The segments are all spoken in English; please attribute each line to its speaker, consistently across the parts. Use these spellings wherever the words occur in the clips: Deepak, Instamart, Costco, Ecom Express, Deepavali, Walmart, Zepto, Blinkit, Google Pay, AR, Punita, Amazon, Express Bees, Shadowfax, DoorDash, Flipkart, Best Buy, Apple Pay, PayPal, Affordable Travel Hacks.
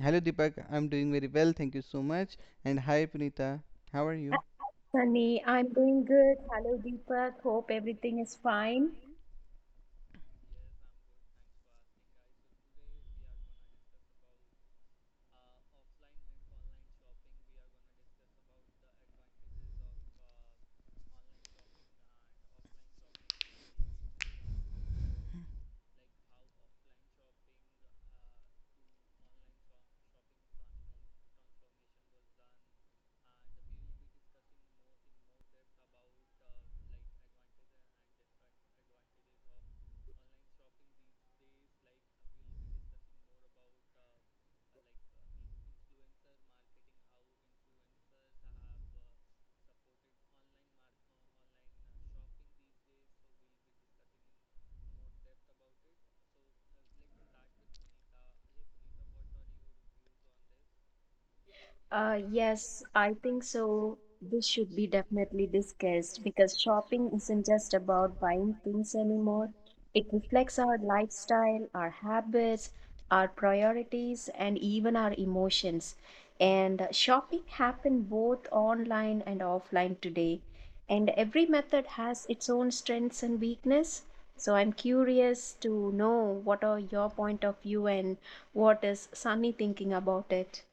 Speaker 1: Hello Deepak, I'm doing very well, thank you so much. And hi Punita, how are you?
Speaker 2: Sunny, I'm doing good. Hello, Deepak. Hope everything is fine. Yes, I think so. This should be definitely discussed because shopping isn't just about buying things anymore. It reflects our lifestyle, our habits, our priorities, and even our emotions. And shopping happens both online and offline today. And every method has its own strengths and weakness. So I'm curious to know what are your point of view and what is Sunny thinking about it.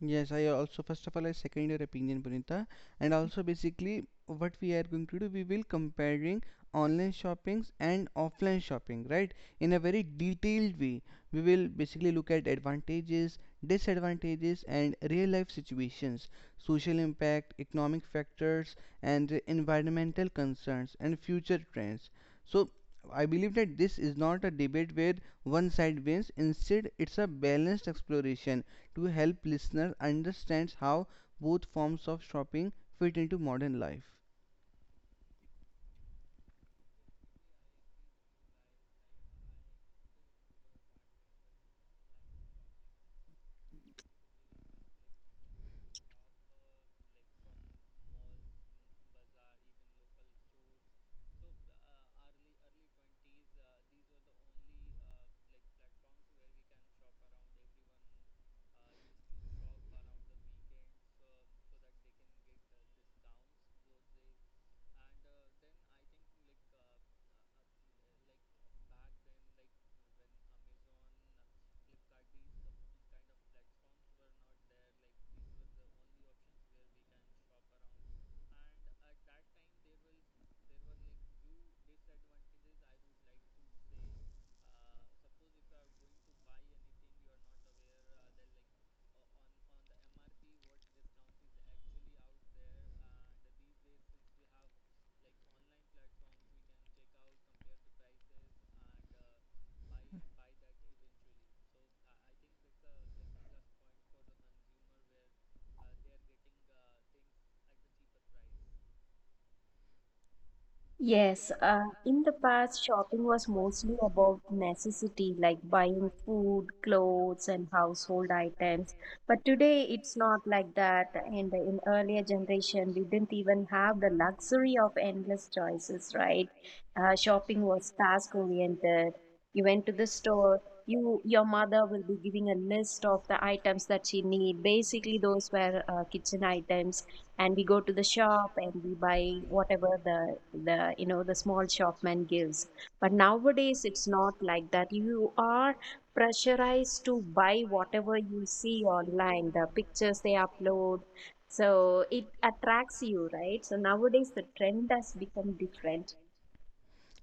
Speaker 1: Yes, I also first of all, I second your opinion, Punita. And also basically what we are going to do, we will comparing online shoppings and offline shopping, right? In a very detailed way, we will basically look at advantages, disadvantages, and real life situations, social impact, economic factors, and the environmental concerns and future trends. So, I believe that this is not a debate where one side wins. Instead, it's a balanced exploration to help listeners understand how both forms of shopping fit into modern life.
Speaker 2: Yes, in the past, shopping was mostly about necessity, like buying food, clothes, and household items. But today, it's not like that. And in earlier generation, we didn't even have the luxury of endless choices, right? Shopping was task oriented. You went to the store. Your mother will be giving a list of the items that she need. Basically, those were kitchen items, and we go to the shop and we buy whatever the the small shopman gives. But nowadays, it's not like that. You are pressurized to buy whatever you see online, the pictures they upload, so it attracts you, right? So nowadays, the trend has become different.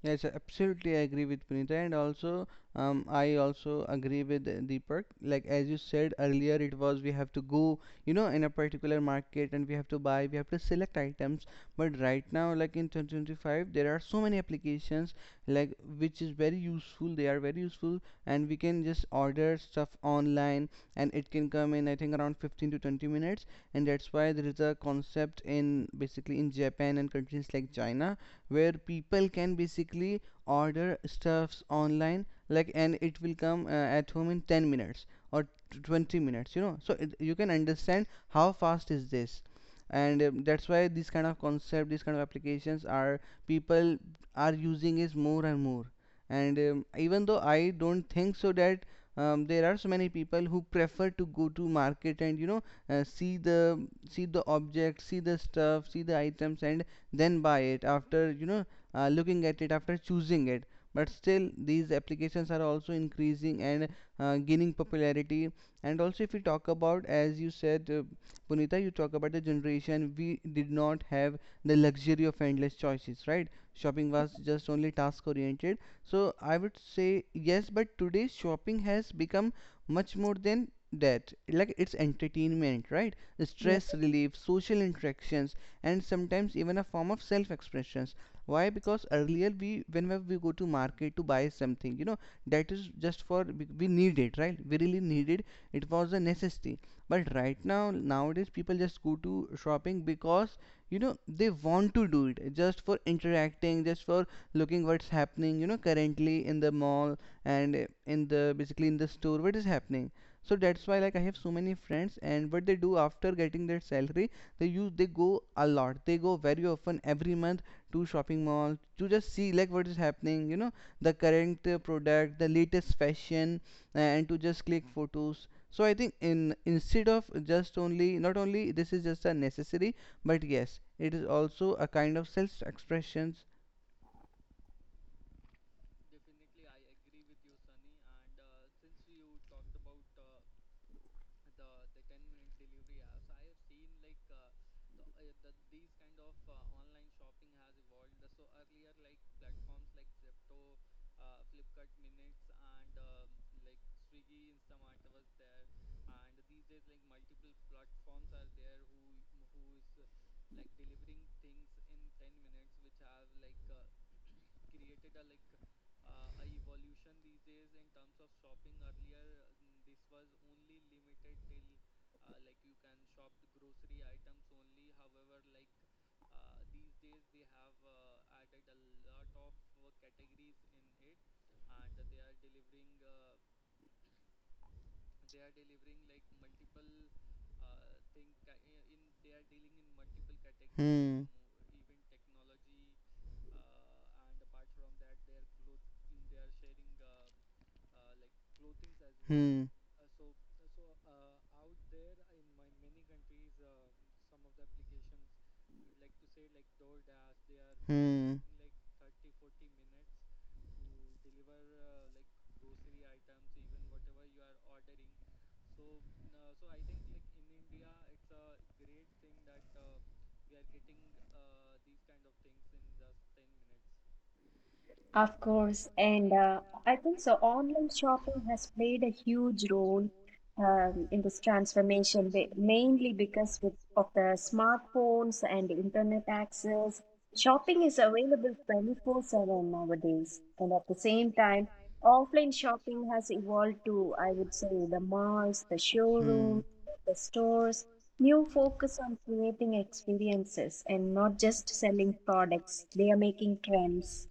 Speaker 1: Yes, absolutely, I agree with Punita. And also I also agree with Deepak. Like as you said earlier, it was we have to go in a particular market, and we have to buy, we have to select items. But right now, like in 2025, there are so many applications like which is very useful. They are very useful, and we can just order stuff online, and it can come in, I think, around 15 to 20 minutes. And that's why there is a concept in, basically in Japan and countries like China, where people can basically order stuffs online, like, and it will come at home in 10 minutes or 20 minutes. So you can understand how fast is this. And that's why this kind of concept these kind of applications are people are using is more and more. And even though I don't think so that there are so many people who prefer to go to market and see the object, see the stuff, see the items, and then buy it after looking at it, after choosing it. But still, these applications are also increasing and gaining popularity. And also, if we talk about, as you said, Punita, you talk about the generation, we did not have the luxury of endless choices, right? Shopping was just only task oriented. So I would say yes, but today shopping has become much more than that, like it's entertainment, right? Stress relief, social interactions, and sometimes even a form of self expressions. Why? Because earlier, we whenever we go to market to buy something, you know that is just for we need it, right? We really need it. It was a necessity. But right now, nowadays, people just go to shopping because, you know, they want to do it, just for interacting, just for looking what's happening, you know, currently in the mall, and in the store, what is happening. So that's why, like, I have so many friends, and what they do after getting their salary, they go a lot, they go very often, every month, to shopping mall to just see like what is happening, you know, the current product, the latest fashion, and to just click photos. So I think, in instead of just only not only this is just a necessary, but yes, it is also a kind of self expressions. Hmm. Hmm. Hmm.
Speaker 2: Of course. And I think so. Online shopping has played a huge role in this transformation, mainly because of the smartphones and internet access. Shopping is available 24/7 nowadays, and at the same time, offline shopping has evolved to, I would say, the malls, the
Speaker 1: Hmm.
Speaker 2: showrooms, the stores. New focus on creating experiences and not just selling products. They are making trends.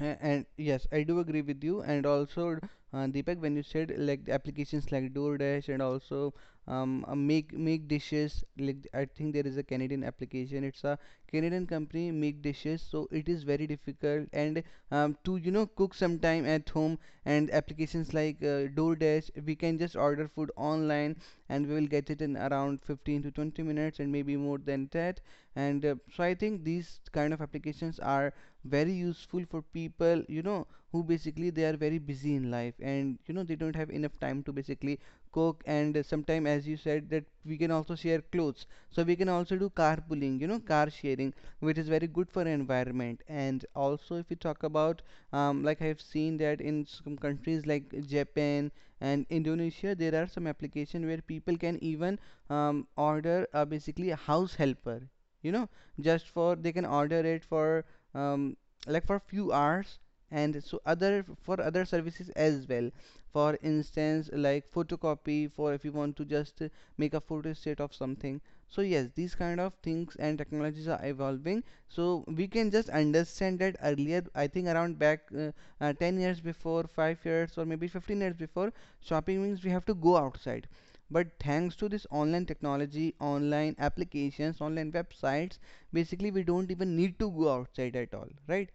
Speaker 1: And yes, I do agree with you. And also, Deepak, when you said like the applications like DoorDash, and also Make Dishes, like I think there is a Canadian application, it's a Canadian company, Make Dishes. So it is very difficult and to cook sometime at home, and applications like DoorDash, we can just order food online, and we will get it in around 15 to 20 minutes and maybe more than that. And so I think these kind of applications are very useful for people, you know, who basically they are very busy in life and they don't have enough time to basically cook. And sometime, as you said, that we can also share clothes, so we can also do carpooling, you know, car sharing, which is very good for environment. And also, if we talk about, like, I've seen that in some countries like Japan and Indonesia, there are some application where people can even order basically a house helper, you know, just for they can order it for um, like for few hours, and so other for other services as well. For instance, like photocopy for, if you want to just make a photostat of something. So yes, these kind of things and technologies are evolving. So we can just understand that earlier, I think around back 10 years before, 5 years, or maybe 15 years before, shopping means we have to go outside. But thanks to this online technology, online applications, online websites, basically we don't even need to go outside at all, right?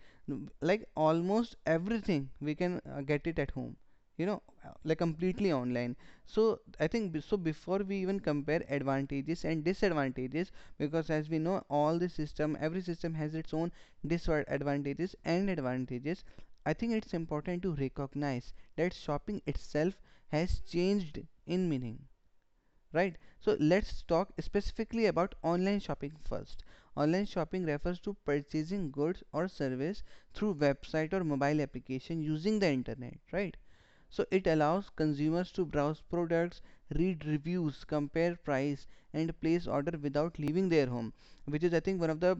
Speaker 1: Like, almost everything we can get it at home, you know like completely online. So I think, so before we even compare advantages and disadvantages, because as we know, all the system, every system has its own disadvantages and advantages, I think it's important to recognize that shopping itself has changed in meaning, right? So let's talk specifically about online shopping first. Online shopping refers to purchasing goods or service through website or mobile application using the internet, right? So it allows consumers to browse products, read reviews, compare price, and place order without leaving their home, which is, I think, one of the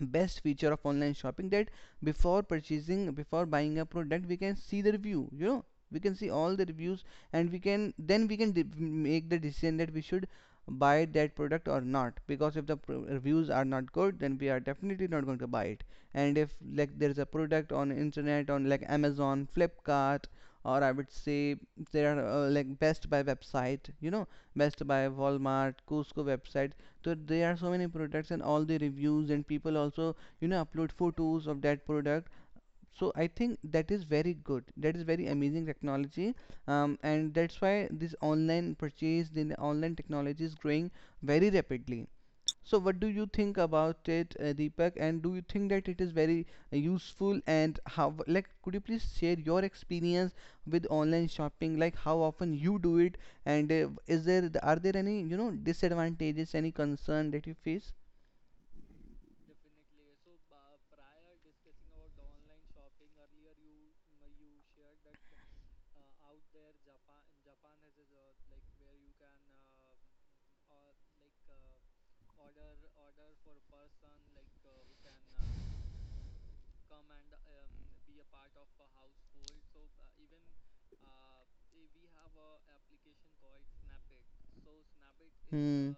Speaker 1: best feature of online shopping, that before buying a product, we can see the review. We can see all the reviews, and we can make the decision that we should buy that product or not, because if the reviews are not good, then we are definitely not going to buy it. And if, like, there is a product on internet, on like Amazon, Flipkart, or I would say there are like Best Buy website Best Buy, Walmart, Costco website. So there are so many products, and all the reviews, and people also upload photos of that product. So I think that is very good. That is very amazing technology, and that's why the online technology is growing very rapidly. So, what do you think about it, Deepak? And do you think that it is very useful? And how, like, could you please share your experience with online shopping? Like, how often you do it? And are there any disadvantages, any concern that you face? Hmm.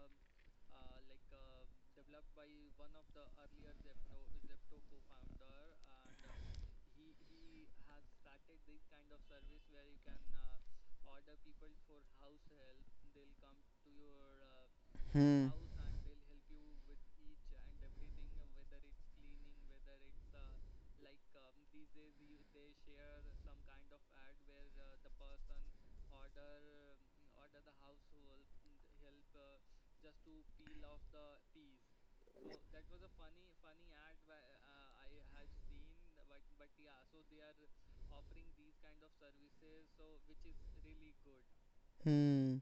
Speaker 1: Hmm. Hmm.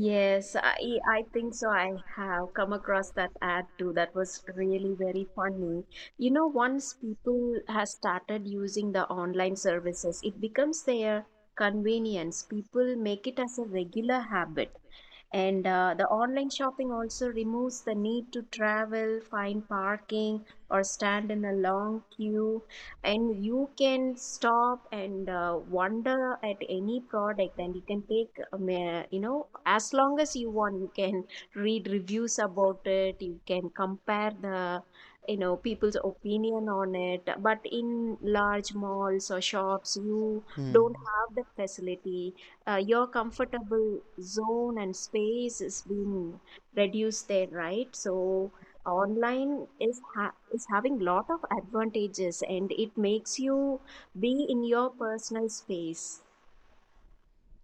Speaker 2: Yes, I think so. I have come across that ad too. That was really very funny. Once people has started using the online services, it becomes their convenience. People make it as a regular habit. And the online shopping also removes the need to travel, find parking, or stand in a long queue. And you can stop and wonder at any product, and you can take, as long as you want, you can read reviews about it, you can compare the people's opinion on it. But in large malls or shops, you
Speaker 1: Hmm.
Speaker 2: don't have the facility. Your comfortable zone and space is being reduced there, right? So online is having lot of advantages, and it makes you be in your personal space.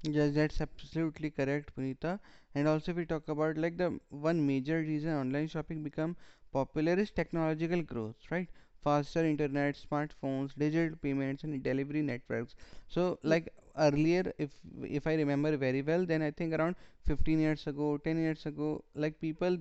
Speaker 1: Yes, that's absolutely correct, Punita. And also, if we talk about like the one major reason online shopping become popular is technological growth, right? Faster internet, smartphones, digital payments, and delivery networks. So, like earlier, if I remember very well, then I think around 15 years ago, 10 years ago, like people,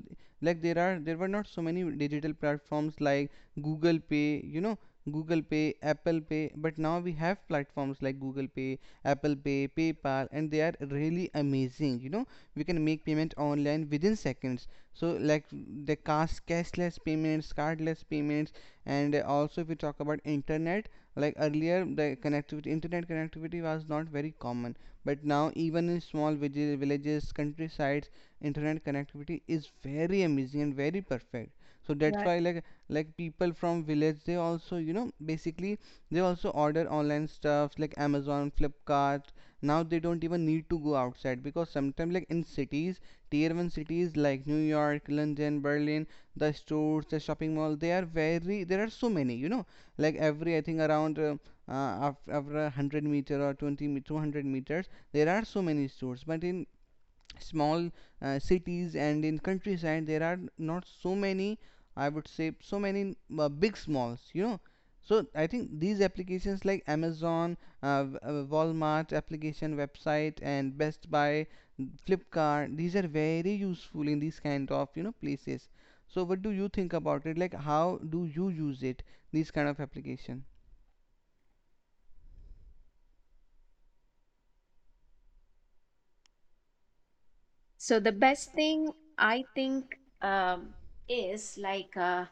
Speaker 1: like there were not so many digital platforms like Google Pay. Google Pay, Apple Pay, but now we have platforms like Google Pay, Apple Pay, PayPal, and they are really amazing. We can make payment online within seconds. So like the cashless payments, cardless payments. And also, if we talk about internet, like earlier internet connectivity was not very common, but now even in small villages, countrysides, internet connectivity is very amazing and very perfect. So that's why, like people from village, they also basically they also order online stuffs like Amazon, Flipkart. Now they don't even need to go outside, because sometimes, like, in cities, tier 1 cities like New York, London, Berlin, the shopping mall, they are very there are so many, like every, I think, around after 100 meter or 200 meters there are so many stores. But in small cities and in countryside, there are not so many, I would say, so many big malls so I think these applications like Amazon, Walmart application website, and Best Buy, Flipkart, these are very useful in these kind of places. So what do you think about it? Like, how do you use it, these kind of application?
Speaker 2: So the best thing, I think, um, is like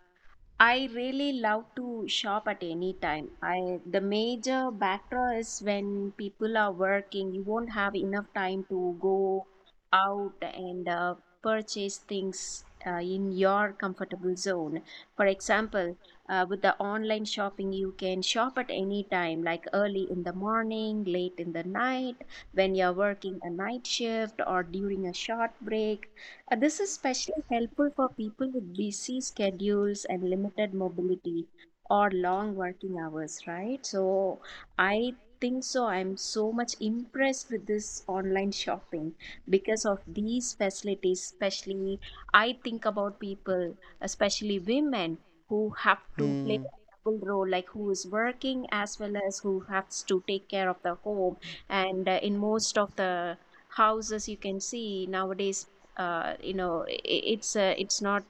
Speaker 2: I really love to shop at any time. I The major backdraw is when people are working, you won't have enough time to go out and purchase things in your comfortable zone. For example, with the online shopping, you can shop at any time, like early in the morning, late in the night, when you're working a night shift or during a short break. This is especially helpful for people with busy schedules and limited mobility or long working hours, right? So I think so. I'm so much impressed with this online shopping because of these facilities, especially I think about people, especially women who have to play
Speaker 1: Hmm.
Speaker 2: a double role, like who is working as well as who has to take care of the home. And in most of the houses, you can see nowadays, it's not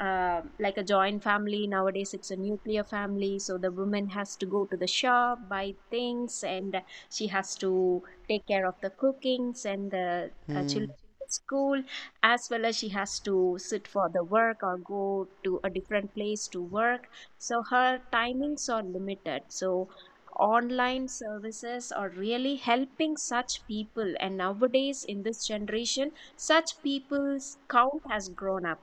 Speaker 2: like a joint family nowadays, it's a nuclear family. So the woman has to go to the shop, buy things, and she has to take care of the cookings and the
Speaker 1: Hmm.
Speaker 2: children at school, as well as she has to sit for the work or go to a different place to work. So her timings are limited. So online services are really helping such people, and nowadays in this generation, such people's count has grown up.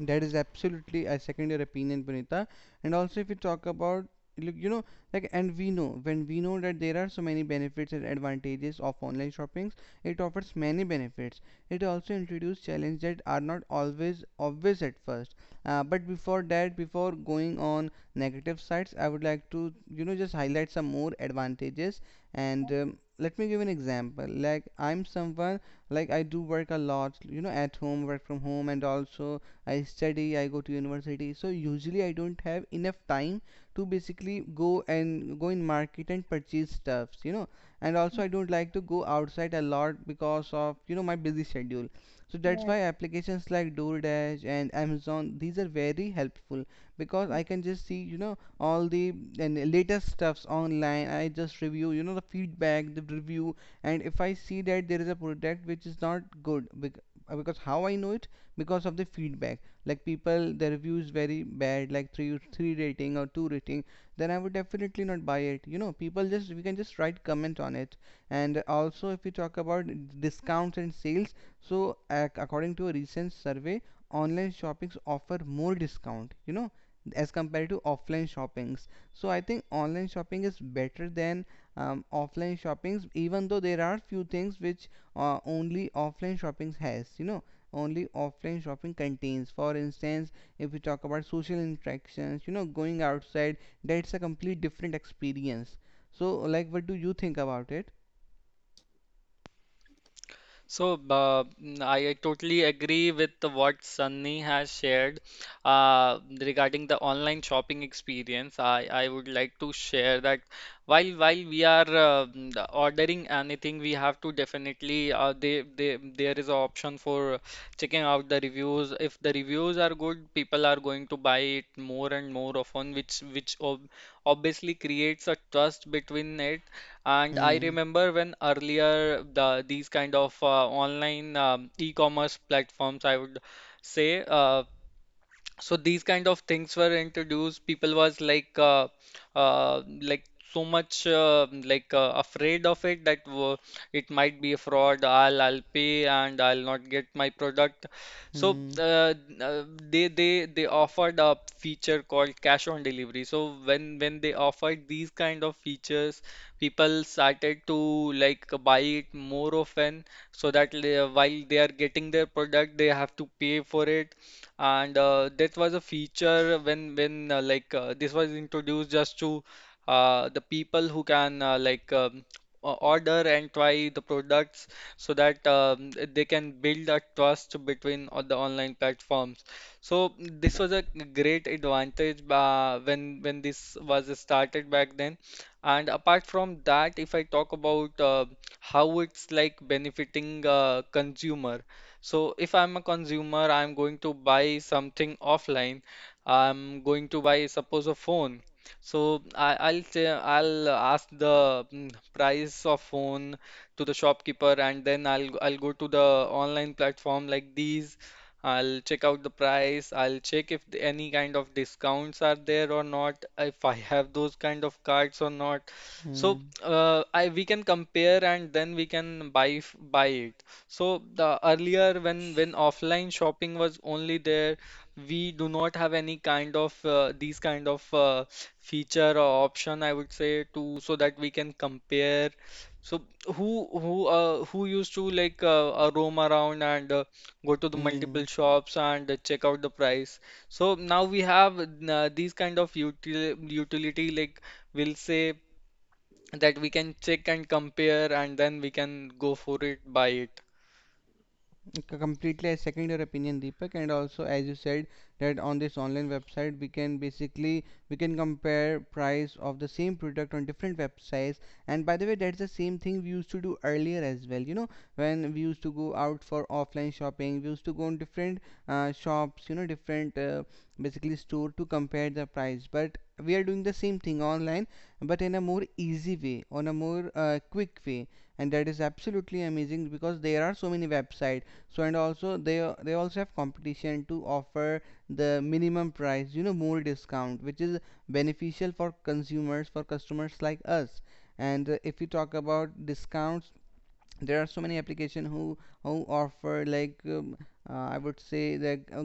Speaker 1: That is absolutely, I second your opinion, Punita. And also, if you talk about, look, like, when we know that there are so many benefits and advantages of online shoppings, it offers many benefits. It also introduces challenges that are not always obvious at first. But before that, before going on negative sides, I would like to just highlight some more advantages. And let me give an example. Like, I'm someone, like, I do work a lot at home, work from home, and also I study, I go to university. So usually I don't have enough time to basically go in market and purchase stuffs. And also I don't like to go outside a lot because of my busy schedule. So that's
Speaker 2: Yeah.
Speaker 1: why applications like DoorDash and Amazon, these are very helpful because I can just see all the and latest stuffs online. I just review the feedback, the review, and if I see that there is a product which is not good, because how I know it, because of the feedback, like people the reviews very bad, like three rating or two rating, then I would definitely not buy it. People just, we can just write comment on it. And also, if we talk about discounts and sales, so according to a recent survey, online shoppings offer more discount, as compared to offline shoppings. So I think online shopping is better than offline shoppings, even though there are few things which only offline shoppings has, only offline shopping contains. For instance, if we talk about social interactions, going outside, that's a complete different experience. So, like, what do you think about it?
Speaker 3: So I totally agree with what Sunny has shared regarding the online shopping experience. I would like to share that while we are mm, the ordering anything, we have to definitely there is an option for checking out the reviews. If the reviews are good, people are going to buy it more and more often, which ob obviously creates a trust between it. And I
Speaker 1: Hmm.
Speaker 3: remember when earlier these kind of online e-commerce platforms, I would say, so these kind of things were introduced, people was like so much like afraid of it that it might be a fraud, I'll pay and I'll not get my product. So
Speaker 1: Hmm.
Speaker 3: they offered a feature called cash on delivery. So when they offered these kind of features, people started to like buy it more often so that while they are getting their product, they have to pay for it. And that was a feature when like this was introduced just to the people who can like order and try the products so that they can build a trust between all the online platforms. So this was a great advantage when this was started back then. And apart from that, if I talk about how it's like benefiting consumer. So if I'm a consumer, I'm going to buy something offline. I'm going to buy, suppose, a phone. So I'll say I'll ask the price of phone to the shopkeeper, and then I'll go to the online platform like these. I'll check out the price. I'll check if any kind of discounts are there or not. If I have those kind of cards or not. So
Speaker 1: Hmm.
Speaker 3: I we can compare and then we can buy buy it. So the earlier when offline shopping was only there, we do not have any kind of these kind of feature or option, I would say, to so that we can compare. So who used to like roam around and go to the multiple
Speaker 1: Hmm.
Speaker 3: shops and check out the price. So now we have these kind of utility, like we'll say that we can check and compare and then we can go for it buy it.
Speaker 1: Completely, I second your opinion, Deepak. And also, as you said, that on this online website, we can compare price of the same product on different websites. And by the way, that's the same thing we used to do earlier as well, when we used to go out for offline shopping. We used to go on different shops, different basically store to compare the price. But we are doing the same thing online, but in a more easy way, on a more quick way. And that is absolutely amazing because there are so many websites, so and also they also have competition to offer the minimum price, more discount, which is beneficial for consumers, for customers like us. And if we talk about discounts, there are so many applications who offer, like, I would say, like,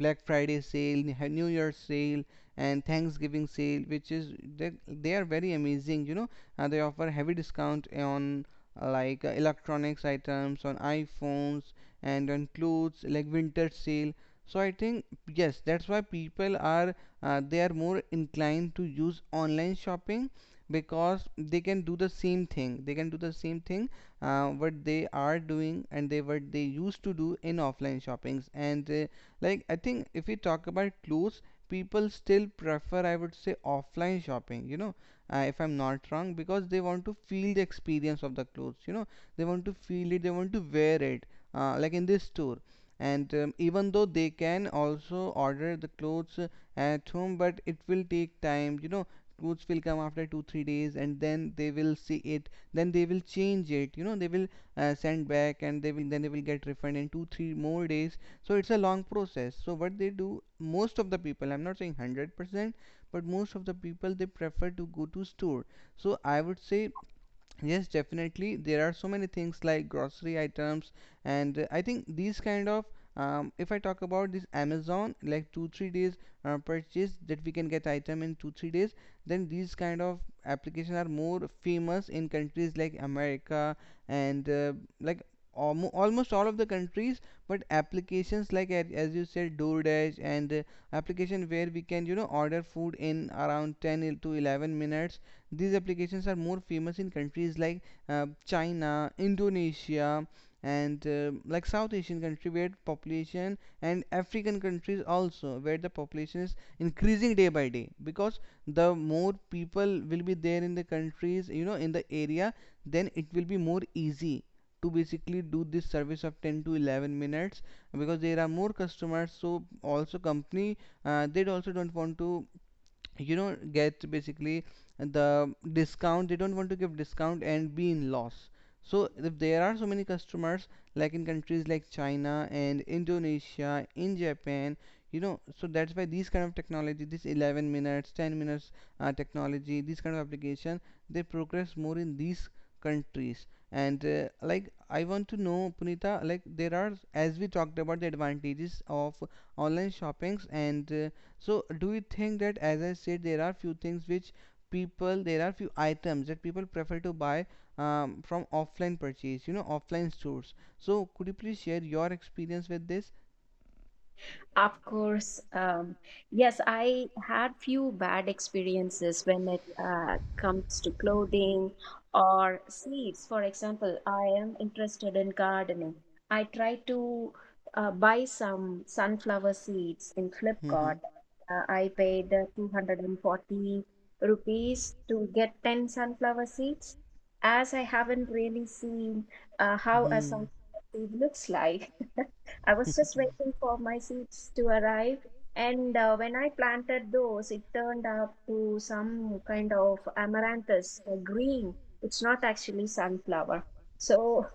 Speaker 1: Black Friday sale, New Year's sale, and Thanksgiving sale, which is they are very amazing. You know, they offer heavy discount on like, electronics items, on iPhones, and on clothes like winter sale. So I think yes, that's why people are more inclined to use online shopping because they can do the same thing. They can do the same thing what they are doing, and they what they used to do in offline shoppings. And like, I think if we talk about clothes, people still prefer, I would say, offline shopping, if I'm not wrong, because they want to feel the experience of the clothes, they want to feel it, they want to wear it, like in this store. And even though they can also order the clothes at home, but it will take time, clothes will come after 2 3 days, and then they will see it, then they will change it, they will send back, and they will then they will get refund in 2 3 more days. So it's a long process, so what they do, most of the people, I'm not saying 100%, but most of the people, they prefer to go to store. So I would say yes, definitely. There are so many things like grocery items. And I think these kind of, if I talk about this Amazon, like 2-3 days purchase, that we can get item in 2-3 days, then these kind of applications are more famous in countries like America, and like almost all of the countries. But applications like as you said, DoorDash, and application where we can, order food in around ten to 11 minutes, these applications are more famous in countries like China, Indonesia, and like South Asian country where population, and African countries also, where the population is increasing day by day, because the more people will be there in the countries, in the area, then it will be more easy to basically do this service of 10 to 11 minutes, because there are more customers. So also company, they also don't want to, you don't get basically the discount, they don't want to give discount and be in loss. So if there are so many customers like in countries like China and Indonesia, in Japan, so that's why these kind of technology, this 11 minutes, 10 minutes technology, these kind of application, they progress more in these countries. And like, I want to know, Punita, like there are, as we talked about the advantages of online shoppings, and so, do you think that, as I said, there are few things which people, there are few items that people prefer to buy from offline purchase, offline stores. So, could you please share your experience with this?
Speaker 2: Of course. Yes, I had few bad experiences when it comes to clothing or seeds. For example, I am interested in gardening. I tried to buy some sunflower seeds in
Speaker 1: Mm-hmm.
Speaker 2: Flipkart. I paid 240 rupees to get 10 sunflower seeds, as I haven't really seen how a
Speaker 1: Mm-hmm.
Speaker 2: sunflower seed looks like. I was just waiting for my seeds to arrive. And when I planted those, it turned up to some kind of amaranthus, green. It's not actually sunflower. So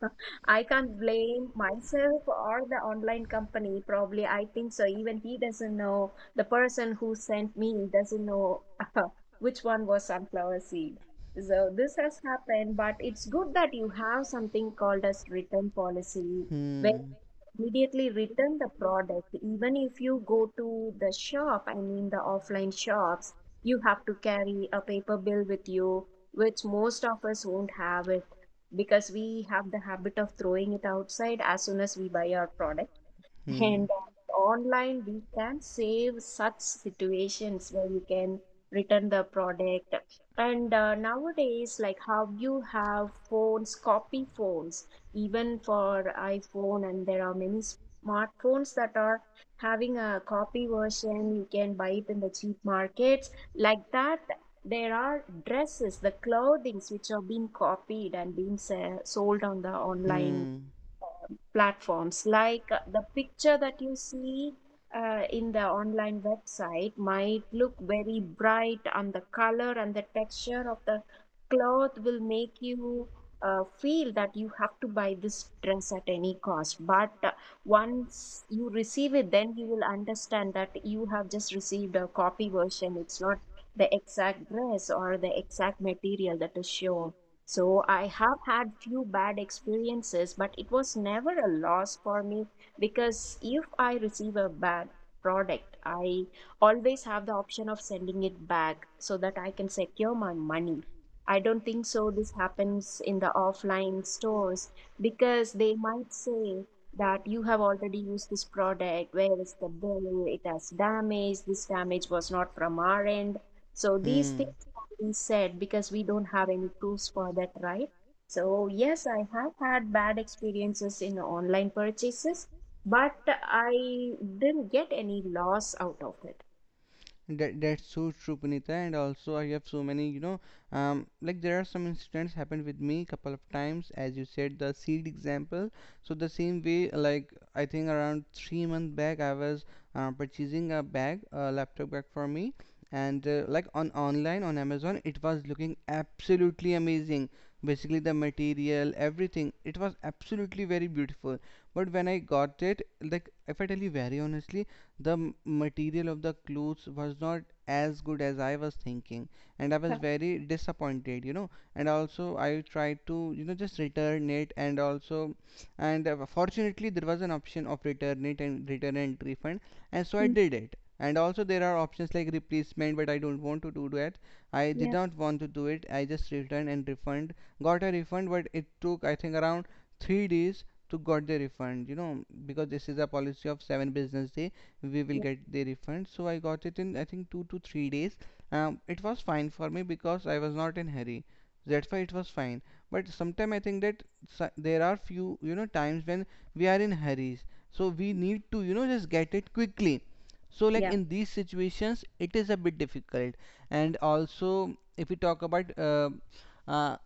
Speaker 2: I can't blame myself or the online company. Probably, I think so. Even he doesn't know, the person who sent me doesn't know which one was sunflower seed. So this has happened, but it's good that you have something called as return policy.
Speaker 1: Hmm.
Speaker 2: Immediately return the product. Even if you go to the shop, I mean the offline shops, you have to carry a paper bill with you, which most of us won't have it, because we have the habit of throwing it outside as soon as we buy our product.
Speaker 1: Hmm.
Speaker 2: And online, we can save such situations where you can return the product. And nowadays, like how you have phones, copy phones, even for iPhone, and there are many smartphones that are having a copy version. You can buy it in the cheap markets. Like that, there are dresses, the clothings which are being copied and being sold on the online
Speaker 1: Hmm.
Speaker 2: platforms, like the picture that you see in the online website might look very bright, and the color and the texture of the cloth will make you feel that you have to buy this dress at any cost. But once you receive it, then you will understand that you have just received a copy version. It's not the exact dress or the exact material that is shown. So I have had few bad experiences, but it was never a loss for me, because if I receive a bad product, I always have the option of sending it back so that I can secure my money. I don't think so this happens in the offline stores, because they might say that you have already used this product, where is the bill? It has damage. This damage was not from our end. So these
Speaker 1: Hmm.
Speaker 2: things have been said because we don't have any proofs for that, right? So yes, I have had bad experiences in online purchases, but I didn't get any loss out of it.
Speaker 1: That's so true, Punita. And also, I have so many, like there are some incidents happened with me couple of times, as you said, the seed example. So the same way, like I think around 3 months back, I was purchasing a bag, a laptop bag for me, and like on online on Amazon, it was looking absolutely amazing. Basically, the material, everything, it was absolutely very beautiful. But when I got it, like if I tell you very honestly, the material of the clothes was not as good as I was thinking, and I was very disappointed. And also, I tried to just return it, and also, and fortunately, there was an option of return it and return and refund, and so I
Speaker 2: Mm,
Speaker 1: did it. And also, there are options like replacement, but I don't want to do that. I did
Speaker 2: yep.
Speaker 1: not want to do it. I just returned and refund, got a refund, but it took, I think, around 3 days to got the refund, because this is a policy of seven business day, we will
Speaker 2: Yeah.
Speaker 1: get the refund. So I got it in, I think, 2 to 3 days. It was fine for me because I was not in hurry. That's why it was fine. But sometimes I think that there are few, times when we are in hurries, so we need to, just get it quickly. So like
Speaker 2: Yeah.
Speaker 1: in these situations, it is a bit difficult. And also, if we talk about uh,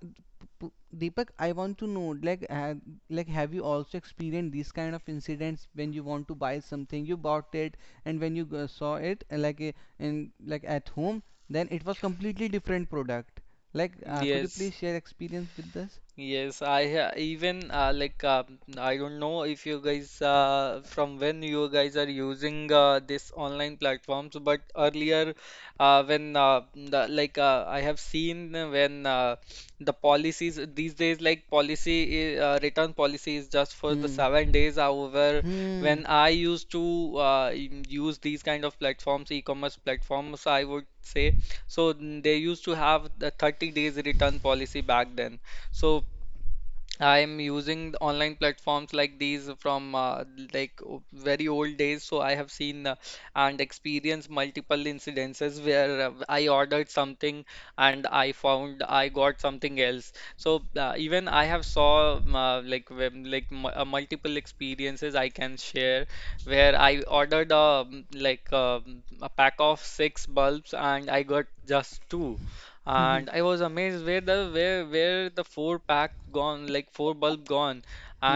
Speaker 1: P- Deepak, I want to know, like, have you also experienced these kind of incidents? When you want to buy something, you bought it, and when you saw it, like in like at home, then it was completely different product, like could you
Speaker 3: Yes.
Speaker 1: please share experience with us?
Speaker 3: Yes, I ha- even like I don't know if you guys from when you guys are using this online platforms, but earlier like I have seen when the policies these days like policy return policy is just for the
Speaker 1: Hmm.
Speaker 3: 7 days. However,
Speaker 1: Hmm.
Speaker 3: when I used to use these kind of platforms, e-commerce platforms, I would say, so they used to have the 30 days return policy back then. So I'm using the online platforms like these from like very old days, so I have seen and experienced multiple incidences where I ordered something and I found I got something else. So even I have saw like like multiple experiences I can share where I ordered like a pack of six bulbs and I got just two,
Speaker 1: Hmm.
Speaker 3: and I was amazed where the where the four pack gone, like four bulb gone.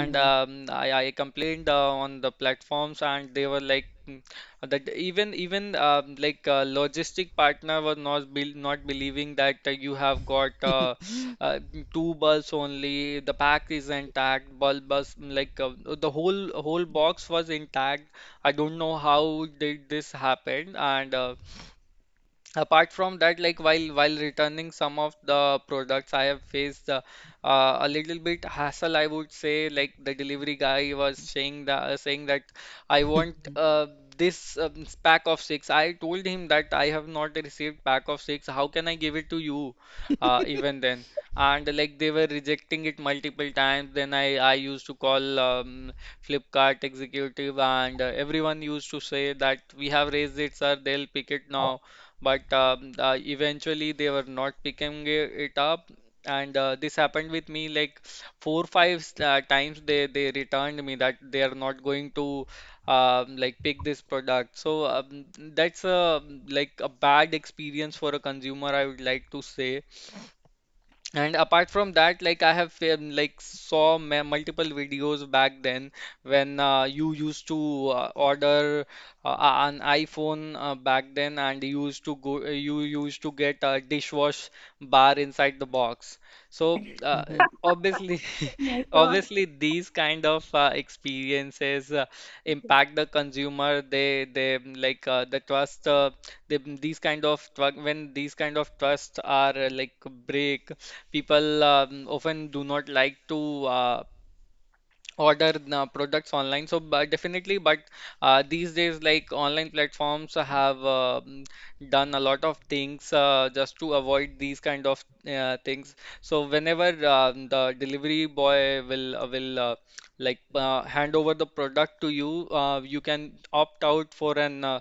Speaker 2: Oh my
Speaker 3: I complained on the platforms and they were like "Mm," that even even like logistic partner was not believing that you have got
Speaker 1: Hmm.
Speaker 3: uh, two bulbs only, the pack is intact, bulb was like the whole box was intact. I don't know how did this happen. And apart from that, like while returning some of the products, I have faced
Speaker 1: A little
Speaker 3: a little bit hassle, I would say. Like the delivery guy was saying that I
Speaker 1: won't.
Speaker 3: want this pack of six. I told him that I have not received pack of six, how can I give it to you? Even then, and like they were rejecting it multiple times. Then I used to call Flipkart executive and everyone used to say that we have raised it, sir, they'll pick it now. But eventually they were not picking it up. And this happened with me like four, five times. They returned me that they are not going to like pick this product. So that's a like a bad experience for a consumer, I would like to say. And apart from that, like I have like saw multiple videos back then when you used to order an iPhone back then, and you used to go, you used to get a dishwash bar inside the box. So
Speaker 1: Mhm. I've done a lot of
Speaker 3: obviously,
Speaker 2: God.
Speaker 3: obviously these kind of experiences impact the consumer. They like the trust. These kind of when these kind of trusts are like break, people often do not like to order the products online. So, but definitely, but these days, like online platforms have done a lot of things just to avoid these kind of things. So, whenever the delivery boy will like hand over the product to you, you can opt out for an uh,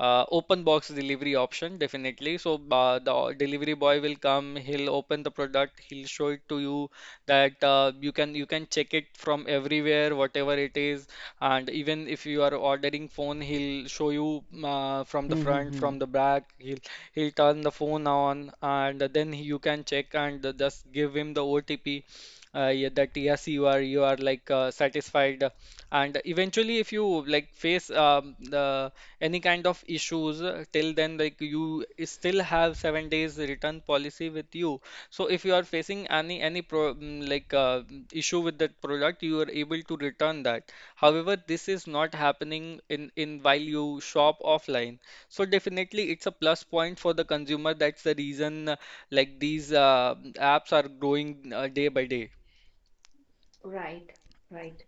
Speaker 3: uh, open box delivery option, definitely. So, the delivery boy will come, he'll open the product, he'll show it to you that you can check it from everywhere, whatever it is. And even if you are ordering phone, he'll show you from the front, from the back, he'll turn the phone on, and then you can check and just give him the OTP. Yeah, that yes, you are like satisfied. And eventually if you like face the any kind of issues till then, like you still have 7 days return policy with you. So if you are facing any like issue with that product, you are able to return that. However, this is not happening in while you shop offline. So definitely, it's a plus point for the consumer. That's the reason like these apps are growing day by day.
Speaker 2: Right. Right.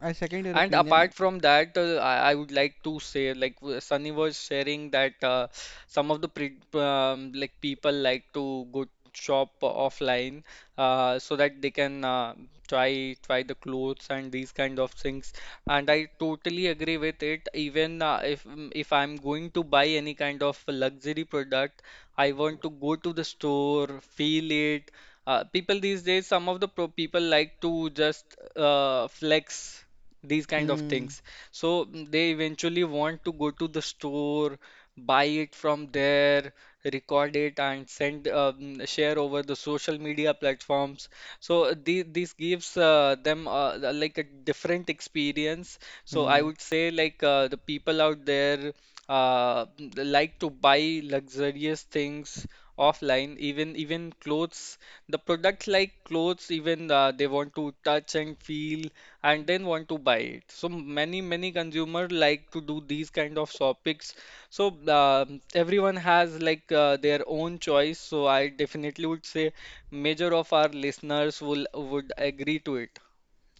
Speaker 1: I second your
Speaker 3: And
Speaker 1: opinion.
Speaker 3: apart from that, I would like to say, like Sunny was sharing that some of the pre like people like to go shop offline, so that they can try the clothes and these kind of things. And I totally agree with it. Even if I'm going to buy any kind of luxury product, I want to go to the store, feel it. People these days, some of the pro people like to just flex these kind of things. So they eventually want to go to the store, buy it from there, record it, and send share over the social media platforms. So this gives them like a different experience. So I
Speaker 1: Hmm.
Speaker 3: would say like the people out there like to buy luxurious things offline. Even clothes, the products like clothes, even they want to touch and feel and then want to buy it. So many consumer like to do these kind of shoppings. So everyone has like their own choice. So I definitely would say major of our listeners will would agree to it.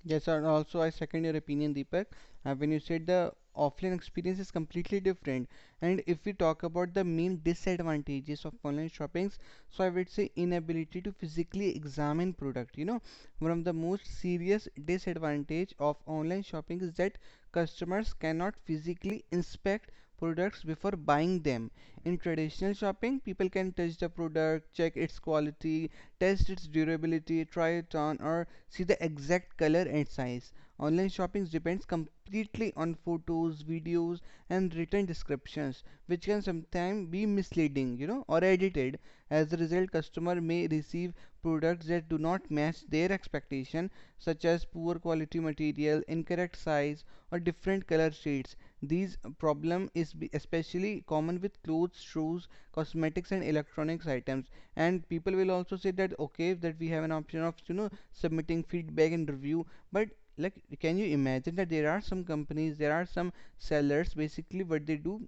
Speaker 1: Yes, and also I second your opinion, Deepak. When you said the offline experience is completely different, and if we talk about the main disadvantages of online shoppings, so I would say inability to physically examine product. You know, one of the most serious disadvantage of online shopping is that customers cannot physically inspect products before buying them. In traditional shopping, people can touch the product, check its quality, test its durability, try it on, or see the exact color and size. Online shopping depends completely on photos, videos, and written descriptions, which can sometimes be misleading, or edited. As a result, customer may receive products that do not match their expectation, such as poor quality material, incorrect size, or different color shades. These problem is especially common with clothes, shoes, cosmetics, and electronics items. And people will also say that, okay, that we have an option of, submitting feedback and review. But like, can you imagine that there are some companies, there are some sellers, basically what they do,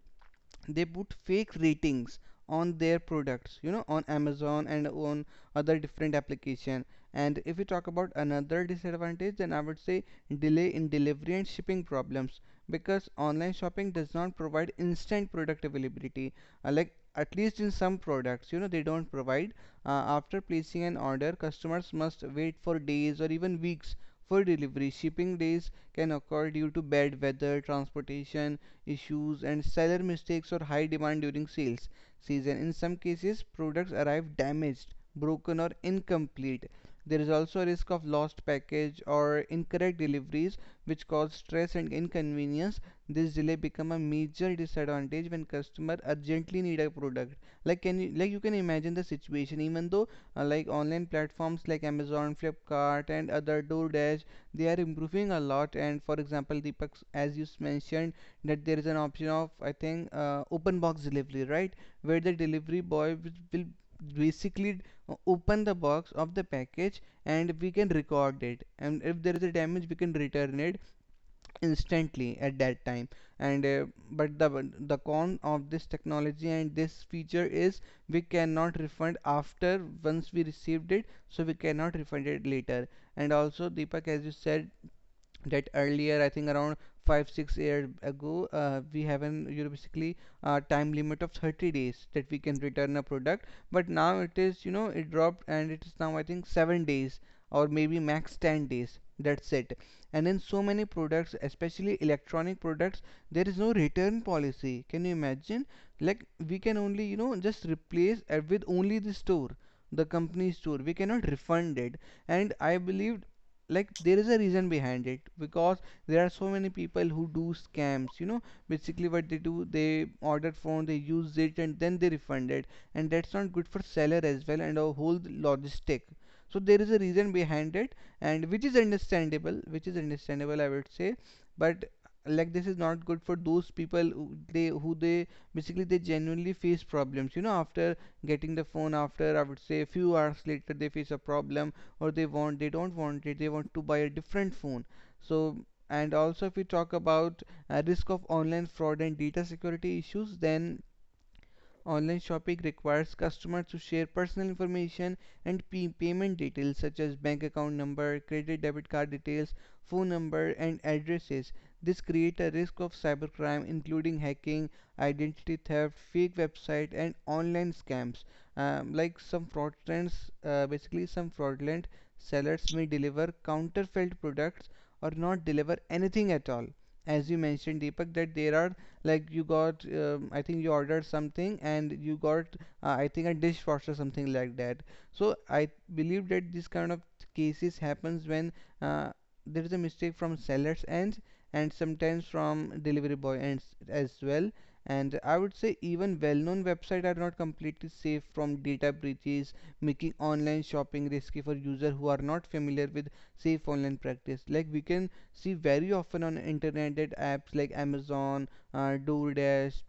Speaker 1: they put fake ratings on their products, on Amazon and on other different application. And if we talk about another disadvantage, then I would say delay in delivery and shipping problems, because online shopping does not provide instant product availability, like at least in some products, they don't provide uh, After placing an order, customers must wait for days or even weeks for delivery. Shipping days can occur due to bad weather, transportation issues, and seller mistakes, or high demand during sales season. In some cases, products arrive damaged, broken, or incomplete. There is also a risk of lost package or incorrect deliveries, which cause stress and inconvenience. This delay become a major disadvantage when customer urgently need a product. Like, can you like you can imagine the situation. Even though like online platforms like Amazon, Flipkart, and other DoorDash, they are improving a lot. And for example, Deepak, as you mentioned, that there is an option of, I think, open box delivery, right? Where the delivery boy will basically open the box of the package and we can record it. And if there is a damage, we can return it instantly at that time. And but the con of this technology and this feature is we cannot refund after once we received it, so we cannot refund it later. And also, Deepak, as you said that earlier I think around 5 6 years ago, we have an you know, basically, time limit of 30 days that we can return a product, but now it dropped and it is now, I think, 7 days or maybe max 10 days, that's it. And in so many products, especially electronic products, there is no return policy. Can you imagine, like, we can only, you know, just replace with only the company store. We cannot refund it. And I believe, like, there is a reason behind it, because there are so many people who do scams, you know. Basically, what they do, they order phone, they use it, and then they refund it. And that's not good for seller as well, and our whole logistic. So there is a reason behind it, and which is understandable, which is understandable, I would say. But, like, this is not good for those people who they basically they genuinely face problems, you know, after getting the phone. After, I would say, a few hours later, they face a problem. Or they don't want it, they want to buy a different phone. So, and also, if we talk about risk of online fraud and data security issues, then online shopping requires customers to share personal information and payment details, such as bank account number, credit debit card details, phone number, and addresses. This creates a risk of cybercrime, including hacking, identity theft, fake website, and online scams. Like, some fraudulent sellers may deliver counterfeit products or not deliver anything at all. As you mentioned, Deepak, that there are, like, you got, I think, you ordered something and you got, I think, a dishwasher, something like that. So I believe that this kind of cases happens when uh, there is a mistake from seller's end, and sometimes from delivery boy ends as well. And I would say even well-known websites are not completely safe from data breaches, making online shopping risky for users who are not familiar with safe online practice. Like, we can see very often on internet that apps like Amazon, DoorDash,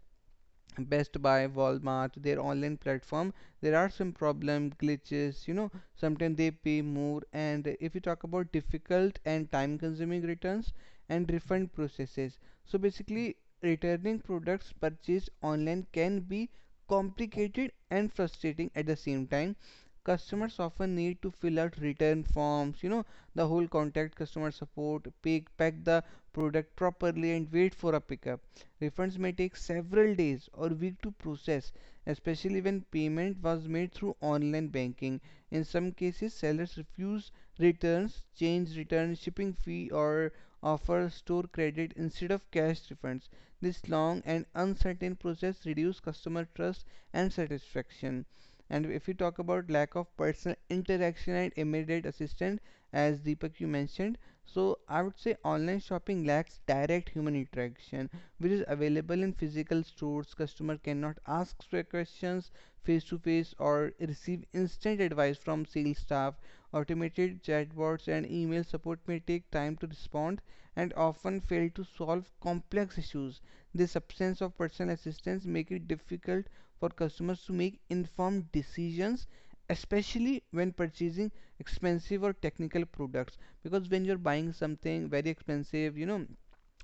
Speaker 1: Best Buy, Walmart, their online platform, there are some problem glitches. Sometimes they pay more. And if you talk about difficult and time-consuming returns and refund processes, so basically, returning products purchased online can be complicated and frustrating. At the same time, customers often need to fill out return forms, the whole, contact customer support, pick pack the product properly, and wait for a pickup. Refunds may take several days or weeks to process, especially when payment was made through online banking. In some cases, sellers refuse returns, change return shipping fee, or offer store credit instead of cash refunds. This long and uncertain process reduces customer trust and satisfaction. And if you talk about lack of personal interaction and immediate assistance, as Deepak you mentioned, so I would say online shopping lacks direct human interaction, which is available in physical stores. Customer cannot ask questions face to face or receive instant advice from sales staff. Automated chatbots and email support may take time to respond and often fail to solve complex issues. This absence of personal assistance makes it difficult for customers to make informed decisions, especially when purchasing expensive or technical products. Because when you're buying something very expensive, you know,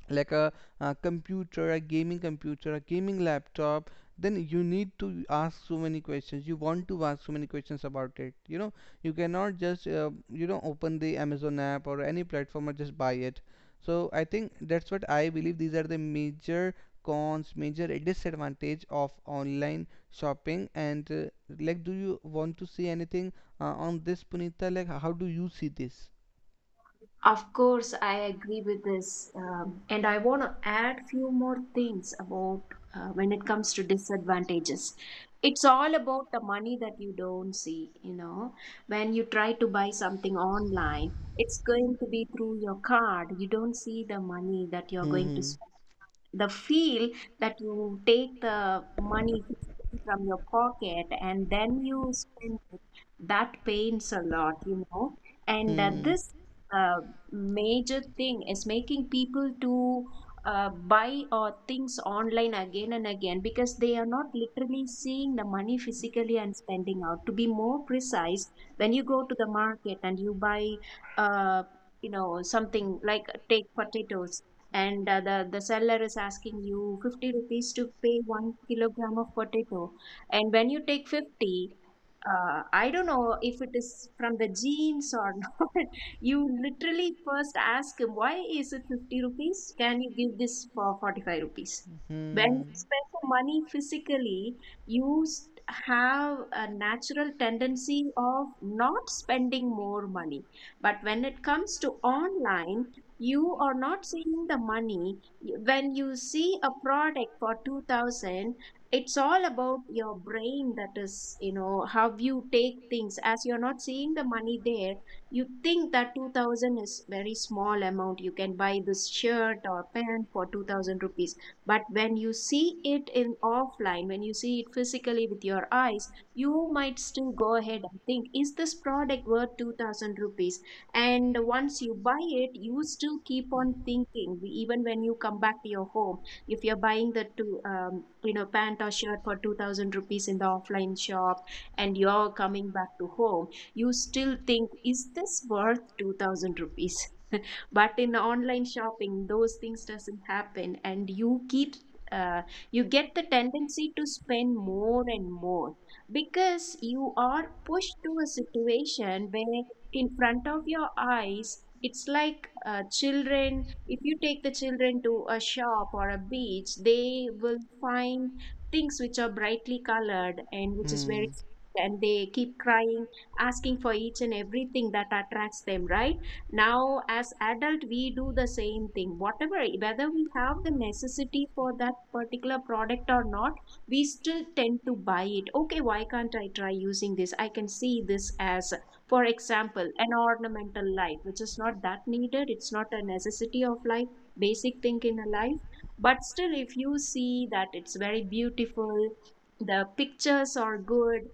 Speaker 1: like a computer, a gaming laptop, then you need to ask so many questions. You want to ask so many questions about it. You know, you cannot just open the Amazon app or any platform and just buy it. So I think that's what I believe. These are the major cons, major disadvantage of online shopping. And like, do you want to see anything on this, Punita? Like, how do you see this?
Speaker 2: Of course, I agree with this, and I want to add few more things about when it comes to disadvantages. It's all about the money that you don't see. When you try to buy something online, it's going to be through your card. You don't see the money that you're going to
Speaker 1: Hmm.
Speaker 2: spend, the feel that you take the money from your pocket and then you spend it, that pains a lot. And
Speaker 1: Hmm.
Speaker 2: this uh, major thing is making people to buy things online again and again, because they are not literally seeing the money physically and spending out. To be more precise, when you go to the market and you buy, uh, something like take potatoes, and the seller is asking you 50 rupees to pay 1 kilogram of potato. And when you take 50, I don't know if it is from the genes or not. You literally first ask him, why is it
Speaker 1: Hmm.
Speaker 2: 50 rupees? Can you give this for 45 rupees?
Speaker 1: Hmm.
Speaker 2: When you
Speaker 1: Hmm.
Speaker 2: spend the money physically, you have a natural tendency of not spending more money. But when it comes to online, you are not seeing the money. When you see a product for 2000, it's all about your brain. That is, how you take things. As you're not seeing the money there, you think that 2000 is very small amount. You can buy this shirt or pant for 2000 rupees. But when you see it in offline, when you see it physically with your eyes, you might still go ahead and think, is this product worth 2000 rupees? And once you buy it, you still keep on thinking, even when you come back to your home, if you're buying the two pant or shirt for 2000 rupees in the offline shop and you're coming back to home, you still think, is this worth 2000 rupees? But in online shopping, those things doesn't happen. And uh, you get the tendency to spend more and more, because you are pushed to a situation where in front of your eyes, it's like children. If you take the children to a shop or a beach, they will find things which are brightly colored and which is very, and they keep crying, asking for each and everything that attracts them, right? Now as adult, we do the same thing, whatever whether we have the necessity for that particular product or not, we still tend to buy it. Okay, why can't I try using this. I can see this as, for example, an ornamental light which is not that needed. It's not a necessity of life, basic thing in a life, but still if you see that it's very beautiful, the pictures are good.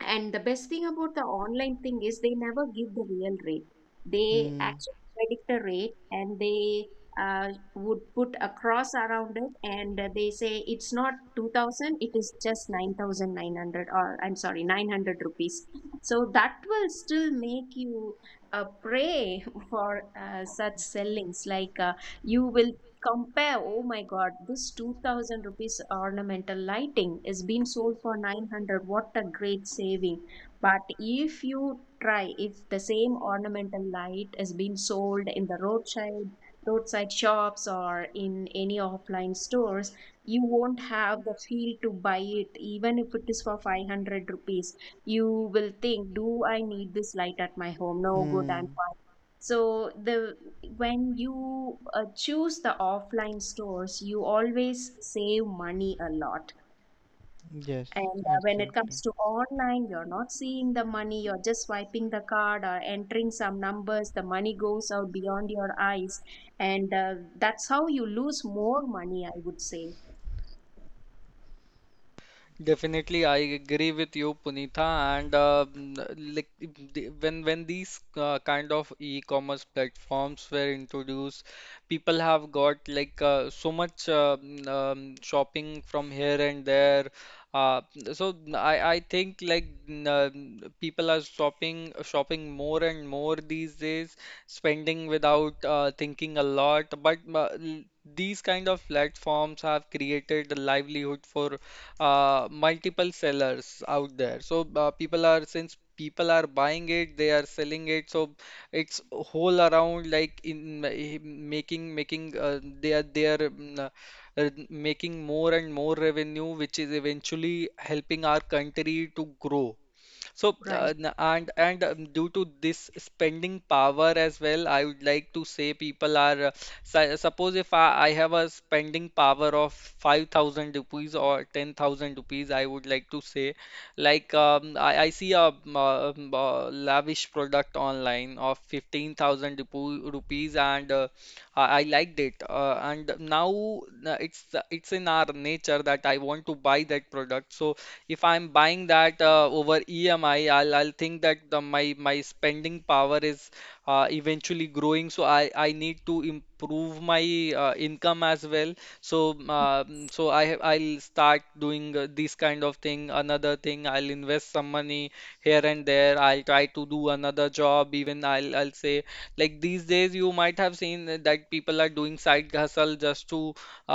Speaker 2: And the best thing about the online thing is they never give the real rate. They actually predict a rate and they uh, would put a cross around it and they say it's not 2000, it is just 9900 or I'm sorry, 900 rupees. So that will still make you a prey for such sellings. Like you will compare, oh my god, this 2000 rupees ornamental lighting is being sold for 900, what a great saving. But if you try, if the same ornamental light is being sold in the roadside shops or in any offline stores, you won't have the feel to buy it even if it is for 500 rupees. You will think, do I need this light at my home? No, good, I'm fine. So the when you choose the offline stores, you always save money a lot.
Speaker 1: Yes.
Speaker 2: And when it comes to online, you're not seeing the money, you're just swiping the card or entering some numbers, the money goes out beyond your eyes. And that's how you lose more money, I would say.
Speaker 3: Definitely, I agree with you, Punitha. And like if when these kind of e-commerce platforms were introduced, people have got like so much shopping from here and there. Uh, I think like people are shopping more and more these days, spending without thinking a lot. But these kind of platforms have created a livelihood for multiple sellers out there. So people are, since people are buying it, they are selling it. So it's whole around like in eh, making making they are mm, making more and more revenue, which is eventually helping our country to grow. So,
Speaker 2: Right.
Speaker 3: n- and Due to this spending power as well, I would like to say people are suppose if I have a spending power of 5,000 rupees or 10,000 rupees, I would like to say like I see a lavish product online of 15,000 rupees and
Speaker 1: I liked it, and
Speaker 3: I
Speaker 1: now it's
Speaker 3: liked it and now it's in our nature that I want to buy that product. So if I'm buying that over EMI, I'll think that my spending power is eventually growing. So I need to improve my income as well. So I'll start doing this kind of thing. Another thing, I'll invest some money here and there. I'll try to do another job. Even I'll say like these days you might have seen that people are doing side hustle just to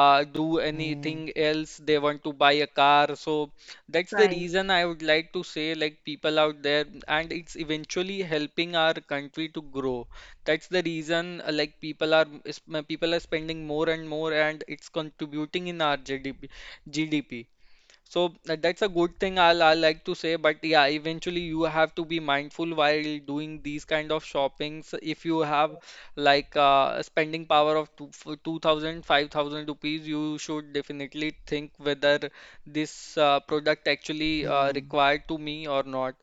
Speaker 3: do anything else. They want to buy a car, so that's the
Speaker 2: Right.
Speaker 3: reason I would like to say, like, people out there, and it's eventually helping our country to grow. That's the reason, like, people are spending more and more, and it's contributing in our GDP. GDP. So that's a good thing I like to say, but yeah, eventually you have to be mindful while doing these kind of shoppings. If you have like a spending power of two, for 2,000, rupees, you should definitely think whether this product actually required to me or not.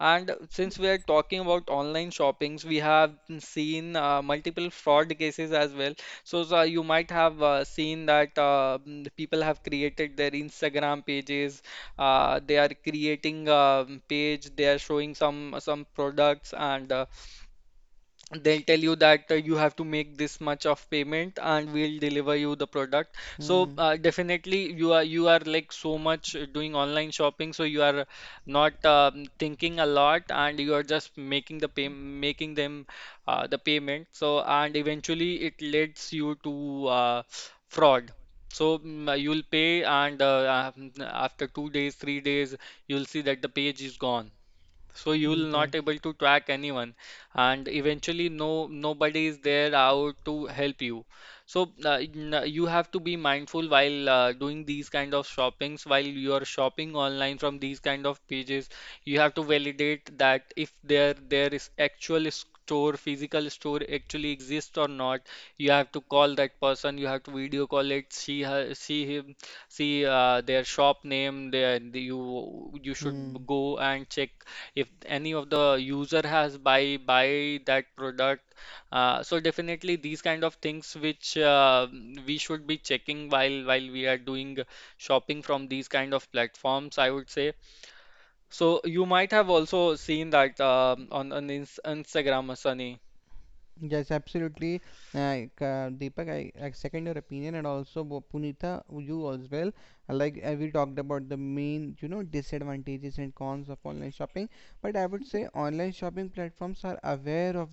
Speaker 3: And since we are talking about online shoppings, we have seen multiple fraud cases as well, so you might have seen that people have created their Instagram pages. They are creating a page. They are showing some products and they'll tell you that you have to make this much of payment and we'll deliver you the product. So
Speaker 1: Hmm.
Speaker 3: definitely you are like so much doing online shopping, so you are
Speaker 1: Thinking
Speaker 3: not
Speaker 1: a.
Speaker 3: thinking a lot and you are just making the pay making them the payment. So and eventually it leads you to fraud. So you'll pay and after 2 days, 3 days, you'll see that the page is gone. So you'll not
Speaker 1: Yes.
Speaker 3: able to track anyone, and eventually no nobody is there out to help you. So you have to be mindful while doing these kind of shoppings. While you are shopping online from these kind of pages, you have to validate that if there is actual store, physical store actually exists or not. You have to call that person. You have to video call it, see her, see him, see their shop name. There you
Speaker 1: Hmm.
Speaker 3: should go and check if any of the user has buy that product, so definitely these kind of things which we should be checking while we are doing shopping from these kind of platforms, I would say. So you might have also seen that on Instagram. Sunny,
Speaker 1: Yes, absolutely. Deepak, I second your opinion, and also Punita, you as well. Like, we talked about the main, you know, disadvantages and cons of online shopping, but I would say online shopping platforms are aware of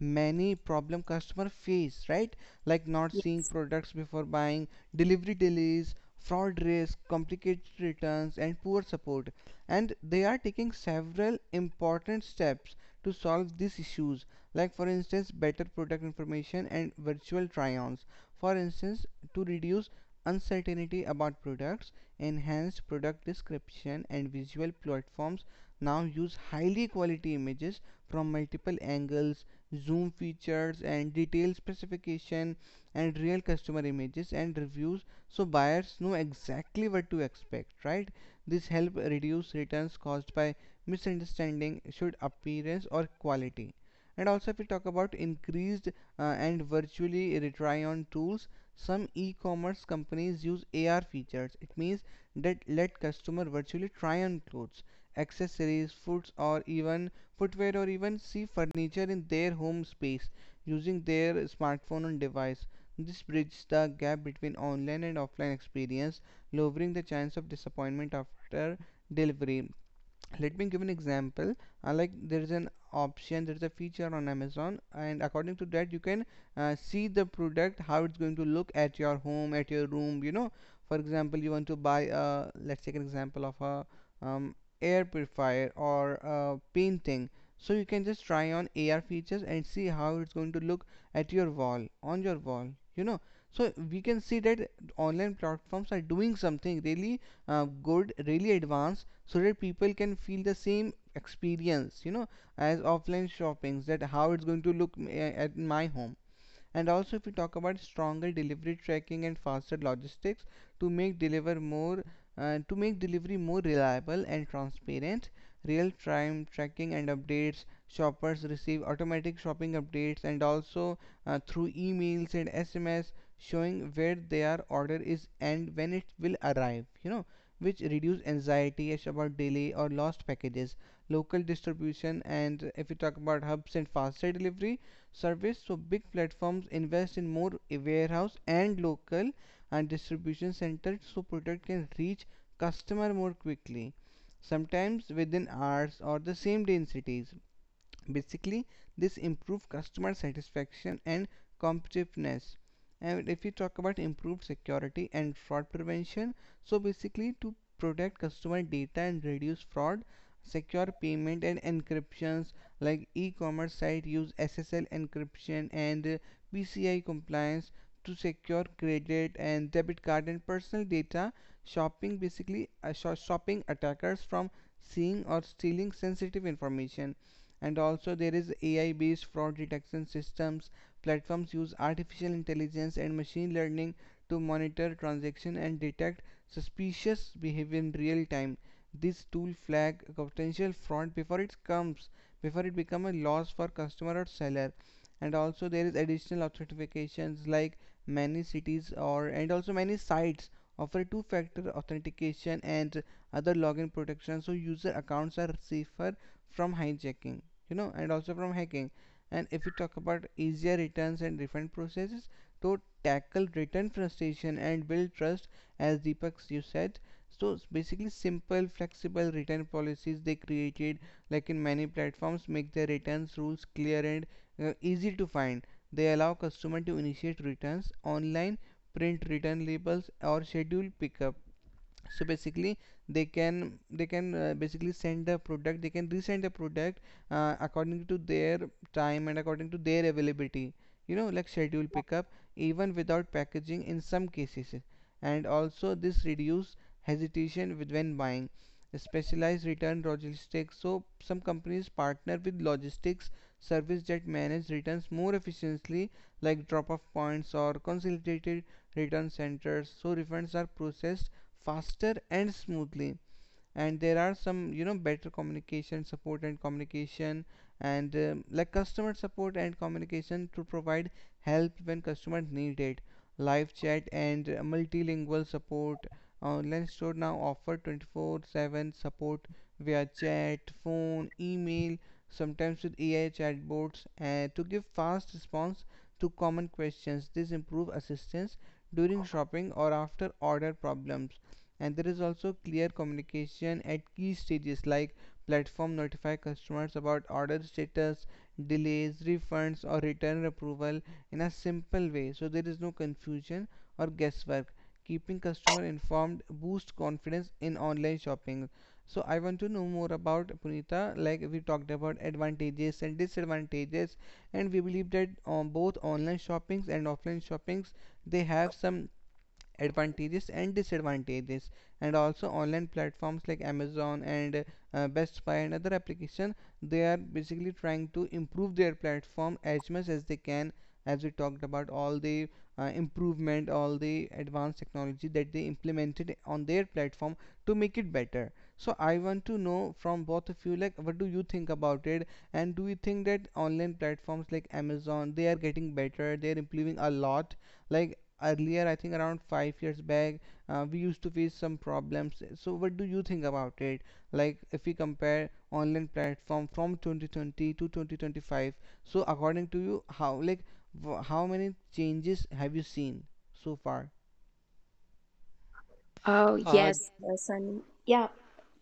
Speaker 1: many problem customer face, right? Like, not
Speaker 2: Yeah.
Speaker 1: seeing products before buying, delivery delays, fraud risk, complicated returns, and poor support. And they are taking several important steps to solve these issues, like, for instance, better product information and virtual try-ons, for instance, to reduce uncertainty about products. Enhanced product description and visual platforms now use highly quality images from multiple angles, zoom features and detailed specification, and real customer images and reviews, so buyers know exactly what to expect, right? This help reduce returns caused by misunderstanding should appearance or quality. And also, if we talk about increased and virtually retry on tools, some e-commerce companies use AR features. It means that let customer virtually try on clothes, accessories, foods or even footwear, or even see furniture in their home space using their smartphone and device. This bridges the gap between online and offline experience, lowering the chance of disappointment after delivery. Let me give an example. Like, there is a feature on Amazon, and according to that you can see the product how it's going to look at your home, at your room, you know. For example, you want to buy a let's take an example of a, um, air purifier or a painting. So you can just try on AR features and see how it's going to look at your wall, on your wall, you know. So we can see that online platforms are doing something really good, really advanced, so that people can feel the same experience, you know, as offline shoppings, that how it's going to look at my home. And also, if we talk about stronger delivery tracking and faster logistics, to make deliver more to make delivery more reliable and transparent. Real time tracking and updates. Shoppers receive automatic shopping updates and also through emails and SMS, showing where their order is and when it will arrive, you know, which reduce anxiety about delay or lost packages. Local distribution, and if we talk about hubs and faster delivery service. So big platforms invest in more warehouse and local and distribution centers, so product can reach customer more quickly, sometimes within hours or the same day in cities. Basically, this improve customer satisfaction and competitiveness. And if we talk about improved security and fraud prevention, so basically, to protect customer data and reduce fraud, secure payment and encryptions, like e-commerce site use SSL encryption and PCI compliance to secure credit and debit card and personal data, shopping, basically shopping attackers from seeing or stealing sensitive information. And also, there is AI based fraud detection systems. Platforms use artificial intelligence and machine learning to monitor transactions and detect suspicious behavior in real time. This tool flag potential fraud before it become a loss for customer or seller. And also, there is additional authentications, like many cities or and also many sites offer two factor authentication and other login protection, so user accounts are safer from hijacking, you know, and also from hacking. And if we talk about easier returns and refund processes to tackle return frustration and build trust, as Deepak you said, so basically, simple flexible return policies, they created, like, in many platforms, make their returns rules clear and easy to find. They allow customer to initiate returns online, print return labels, or schedule pickup, so basically they can basically send the product they can resend the product according to their time and according to their availability, you know, like schedule pickup, even without packaging in some cases. And also, this reduce hesitation with when buying specialized return logistics. So some companies partner with logistics service that manage returns more efficiently, like drop off points or consolidated return centers, so refunds are processed faster and smoothly. And there are some, you know, better communication support And communication and customer support and communication to provide help when customers need it, live chat and multilingual support. Online store now offer 24/7 support via chat, phone, email, sometimes with AI chatbots and to give fast response to common questions. This improve assistance during shopping or after order problems. And there is also clear communication at key stages, like platform notify customers about order status, delays, refunds or return approval in a simple way, so there is no confusion or guesswork. Keeping customer informed boost confidence in online shopping. So I want to know more about Punita, like we talked about advantages and disadvantages, and we believe that on both online shoppings and offline shoppings they have some advantages and disadvantages. And also online platforms like Amazon and Best Buy and other applications, they are basically trying to improve their platform as much as they can, as we talked about all the improvement, all the advanced technology that they implemented on their platform to make it better. So I want to know from both of you, like, what do you think about it? And do you think that online platforms like Amazon, they are getting better, they are improving a lot? Like earlier I think around 5 years back we used to face some problems. So what do you think about it? Like if we compare online platform from 2020 to 2025, so according to you how, like how many changes have you seen so far?
Speaker 2: Oh,
Speaker 3: uh,
Speaker 2: yes, yes. And yeah,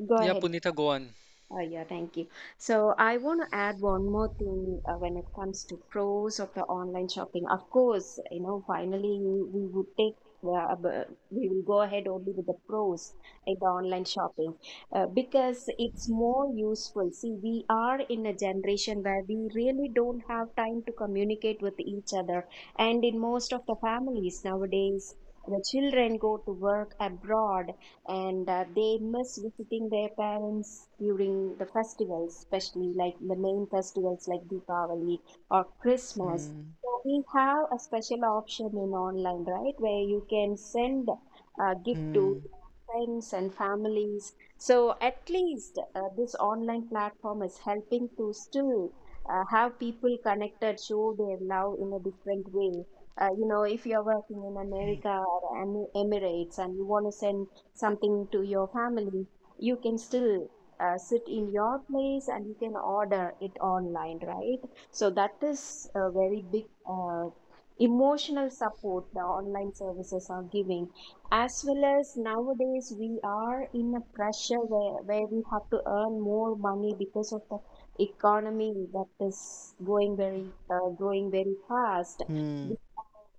Speaker 2: go
Speaker 3: yeah,
Speaker 2: ahead.
Speaker 3: Punita, go on.
Speaker 2: Oh, yeah, thank you. So I want to add one more thing when it comes to pros of the online shopping. Of course, you know, finally we would take we will go ahead only with the pros in the online shopping because it's more useful. See, we are in a generation where we really don't have time to communicate with each other, and in most of the families nowadays. The children go to work abroad and they miss visiting their parents during the festivals, especially like the main festivals like Deepavali or Christmas.
Speaker 1: hmm
Speaker 2: So we have a special option in online, right, where you can send a gift to
Speaker 1: hmm
Speaker 2: friends and families. So at least this online platform is helping to still have people connected, show their love in a different way. If you're working in America or Emirates and you want to send something to your family, you can still sit in your place and you can order it online, right? So that is a very big emotional support the online services are giving. As well as nowadays, we are in a pressure where, we have to earn more money because of the economy that is going very growing very fast,
Speaker 1: hmm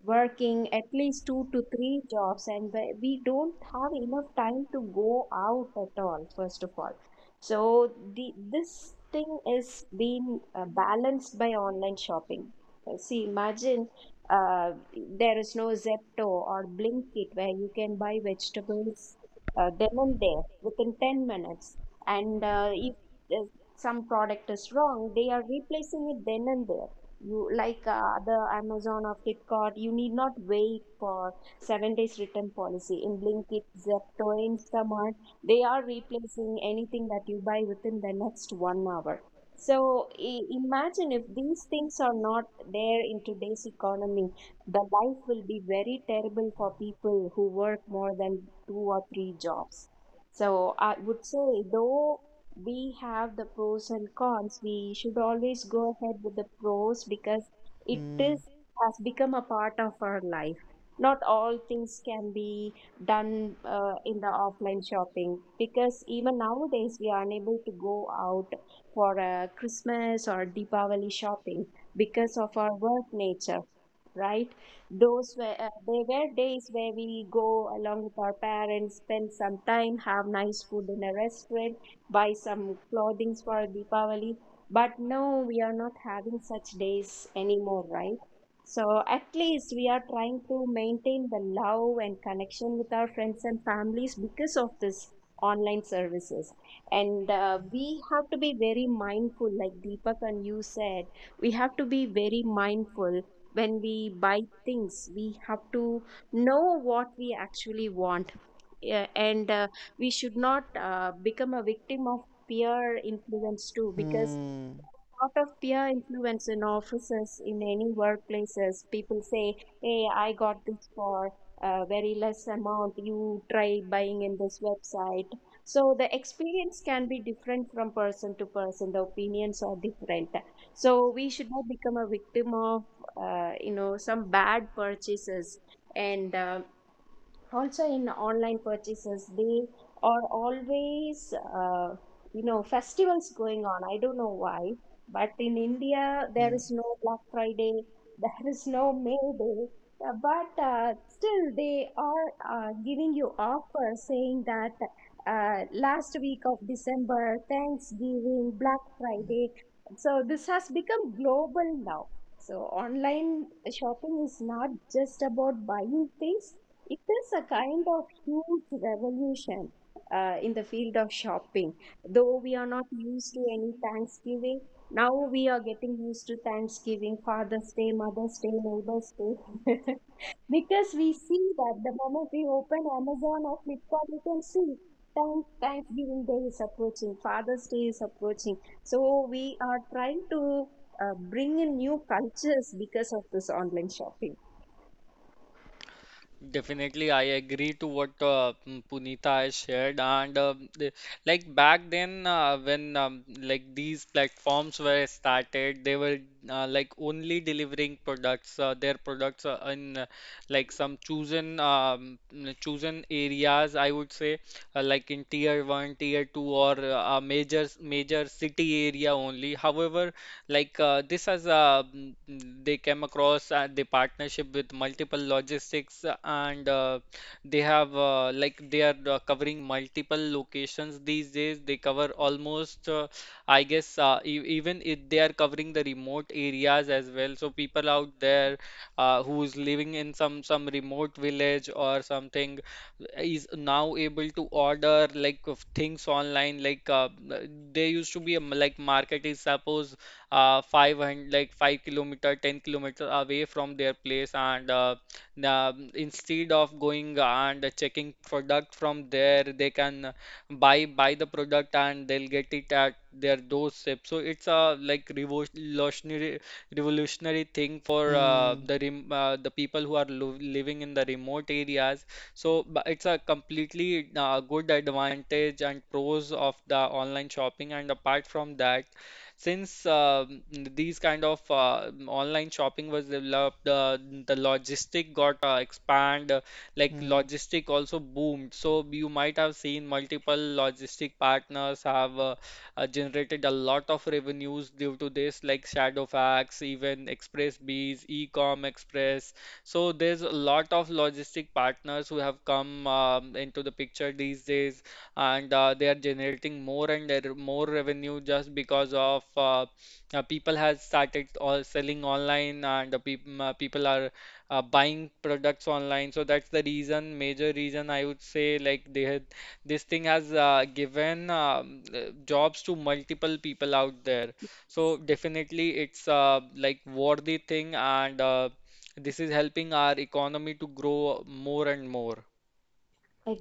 Speaker 2: working at least two to three jobs, and we don't have enough time to go out at all first of all. So the this thing is being balanced by online shopping. See, imagine uh, there is no Zepto or Blinkit where you can buy vegetables then and there within 10 minutes, and if uh, some product is wrong, they are replacing it then and there. You like the Amazon or Flipkart, you need not wait for 7 days return policy. In Blinkit, Zepto, Instamart, they are replacing anything that you buy within the next 1 hour. So imagine if these things are not there in today's economy, the life will be very terrible for people who work more than two or three jobs. So I would say, though we have the pros and cons, we should always go ahead with the pros because it
Speaker 1: hmm
Speaker 2: is
Speaker 1: hmm
Speaker 2: has become a part of our life. Not all things can be done in the offline shopping because even nowadays we are unable to go out for a Christmas or Deepavali shopping because of our work nature, right? Those were they were days where we go along with our parents, spend some time, have nice food in a restaurant, buy some clothings for Deepavali. But no, we are not having such days anymore, right? So at least we are trying to maintain the love and connection with our friends and families because of this online services. And we have to be very mindful, like Deepak and you said, we have to be very mindful when we buy things. We have to know what we actually want. Yeah, and we should not become a victim of peer influence too, because
Speaker 1: hmm
Speaker 2: part of peer influence in offices, in any workplaces, people say, hey, I got this for a very less amount, you try buying in this website. So the experience can be different from person to person, the opinions are different, so we should not become a victim of some bad purchases. And also in online purchases, they are always, festivals going on. I don't know why, but in India there is no Black Friday there is no May Day. But still they are giving you offer saying that last week of December, Thanksgiving, Black Friday. So this has become global now. So online shopping is not just about buying things, it is a kind of huge revolution in the field of shopping. Though we are not used to any Thanksgiving, now we are getting used to Thanksgiving, Father's Day, Mother's Day, Neighbor's Day, because we see that the moment we open Amazon or Flipkart, we can see Thanksgiving Day is approaching, Father's Day is approaching. So we are trying to bring in new cultures because of this online shopping.
Speaker 3: Definitely, I agree to what Punita has shared. And like back then, when like these platforms were started, they were like only delivering products, their products in like some chosen chosen areas, I would say, like in tier one, tier two, or a major city area only. However, like this has they came across the partnership with multiple logistics and they have like they are covering multiple locations these days. They cover almost I guess e even if they are covering the remote areas as well. So people out there who's living in some remote village or something is now able to order like of things online, like there used to be like market is suppose 500, like 5 kilometer, 10 kilometer away from their place, and instead of going and checking product from there, they can buy the product and they'll get it at their doorstep. So it's a like revolutionary thing for the people who are living in the remote areas. So it's a completely good advantage and pros of the online shopping. And apart from that, since these kind of online shopping was developed, the logistic got expand, like
Speaker 1: Hmm.
Speaker 3: logistic also boomed. So you might have seen multiple logistic partners have generated a lot of revenues due to this, like Shadowfax, even Express Bees, Ecom Express. So there's a lot of logistic partners who have come into the picture these days, and they are generating more and there more revenue just because of people has started all selling online and people are buying products online. So that's the reason, major reason I would say, like they had this thing has given jobs to multiple people out there. So definitely it's like worthy thing, and this is helping our economy to grow more and more.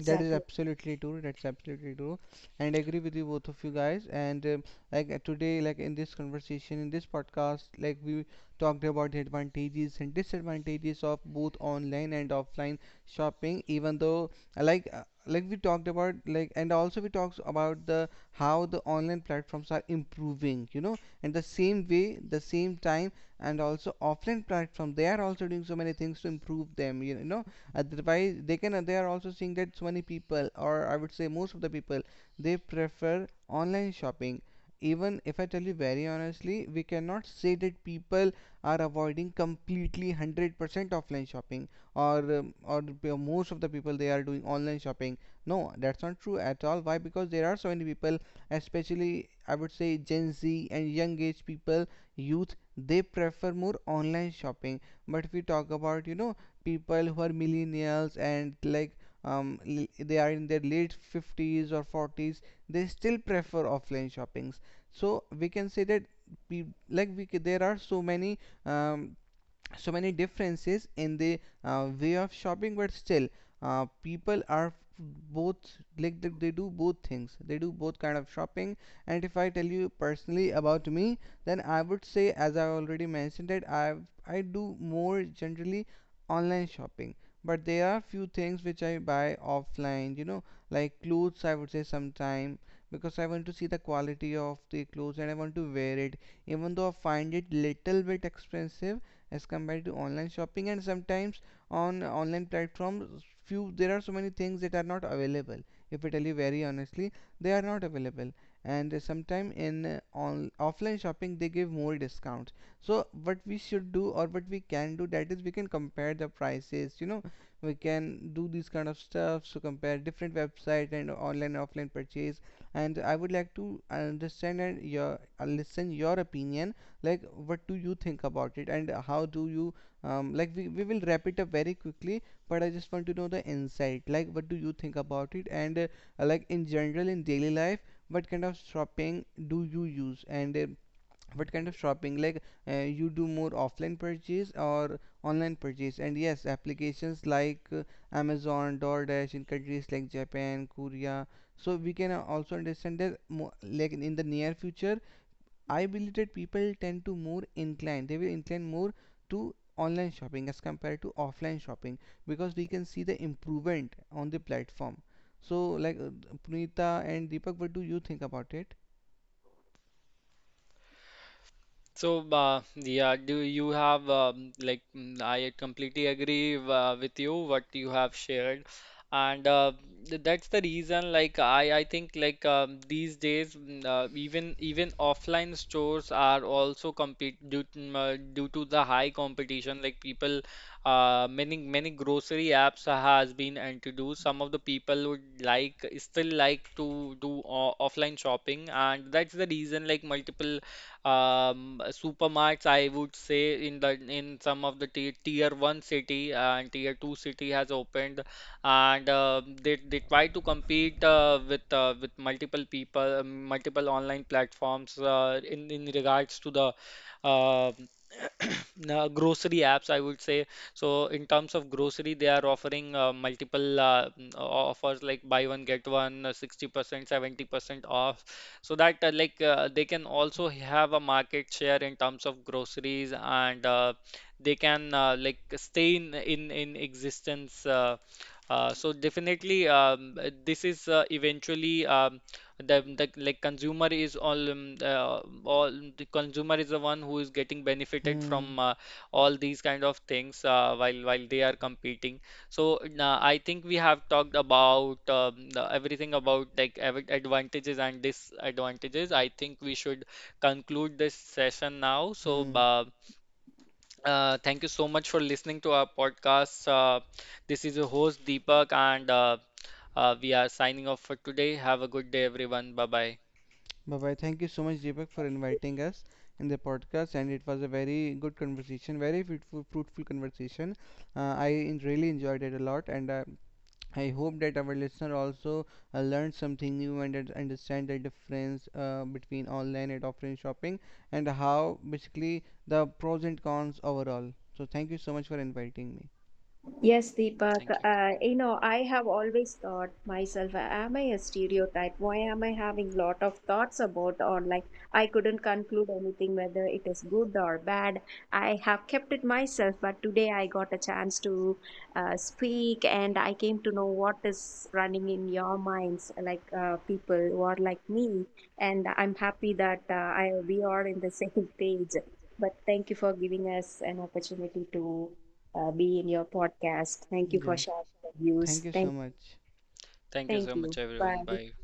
Speaker 1: That is absolutely true. That's absolutely true, and I agree with you both of you guys. And today, like in this conversation, in this podcast, like we talked about the advantages and disadvantages of both online and offline shopping. Even though, like we talked about, like, and also we talked about the how the online platforms are improving, you know. And the same way, the same time, and also offline platform, they are also doing so many things to improve them, you know. Otherwise they can, they are also seeing that so many people, or I would say most of the people, they prefer online shopping. Even if I tell you very honestly, we cannot say that people are avoiding completely 100% offline shopping, or the most of the people they are doing online shopping. No, that's not true at all. Why? Because there are so many people, especially I would say Gen Z and young age people, youth, they prefer more online shopping. But if we talk about, you know, people who are millennials and like um they are in their late 50s or 40s, they still prefer offline shoppings. So we can say that we like, we there are so many um so many differences in the way of shopping. But still people are both, like they do both things, they do both kind of shopping. And if I tell you personally about me, then I would say, as I already mentioned it, I do more generally online shopping, but there are few things which I buy offline, you know, like clothes I would say sometime, because I want to see the quality of the clothes and I want to wear it, even though I find it little bit expensive as compared to online shopping. And sometimes on online platforms few there are so many things that are not available, if I tell you very honestly, they are not available. And sometime in on offline shopping they give more discounts. So what we should do, or what we can do, that is, we can compare the prices, you know, we can do these kind of stuff. So compare different website and online offline purchase. And I would like to understand and your listen your opinion, like what do you think about it? And how do you like we will wrap it up very quickly, but I just want to know the insight, like what do you think about it? And like in general in daily life, what kind of shopping do you use? And what kind of shopping, like you do more offline purchase or online purchase? And yes, applications like Amazon, DoorDash, in countries like Japan, Korea, so we can also understand that like in the near future I-belated people tend to more inclined, they will incline more to online shopping as compared to offline shopping, because we can see the improvement on the platform. So, like Punita and Deepak, what do you think about it?
Speaker 3: So, yeah, do you have I completely agree with you what you have shared, and that's the reason. Like I think like these days, even even offline stores are also compete due to, due to the high competition. Like people, many grocery apps has been introduced. Some of the people would like still like to do o offline shopping, and that's the reason. Like multiple supermarts, I would say in the in some of the tier one city and tier two city has opened, and they try to compete with multiple people, multiple online platforms in regards to the uh, grocery apps, I would say. So in terms of grocery, they are offering multiple offers like buy one get one, 60%, 70% off, so that like they can also have a market share in terms of groceries, and they can like stay in existence. So definitely, this is eventually the like all the consumer is the one who is getting benefited
Speaker 1: Hmm.
Speaker 3: from all these kind of things while they are competing. So I think we have talked about everything about like advantages and disadvantages. I think we should conclude this session now. So
Speaker 1: Hmm.
Speaker 3: thank you so much for listening to our podcast. This is your host Deepak, and we are signing off for today. Have a good day, everyone. Bye bye.
Speaker 1: Bye bye. Thank you so much, Deepak, for inviting us in the podcast. And it was a very good conversation, very fruitful, fruitful conversation. I really enjoyed it a lot. And I hope that our listener also learned something new and that understand the difference between online and offline shopping and how basically the pros and cons overall. So thank you so much for inviting me.
Speaker 2: Yes, Deepak.
Speaker 3: Thank you.
Speaker 2: I have always thought myself, am I a stereotype? Why am I having lot of thoughts about online? I couldn't conclude anything whether it is good or bad. I have kept it myself, but today I got a chance to speak and I came to know what is running in your minds, like people who are like me. And I'm happy that I we are in the same page. But thank you for giving us an opportunity to be in your podcast. Thank you for
Speaker 1: Yes.
Speaker 2: sharing the
Speaker 1: Thank
Speaker 2: views.
Speaker 1: you so much.
Speaker 3: Thank you
Speaker 2: Thank
Speaker 3: so much,
Speaker 2: you. Bye.
Speaker 3: everyone. Bye.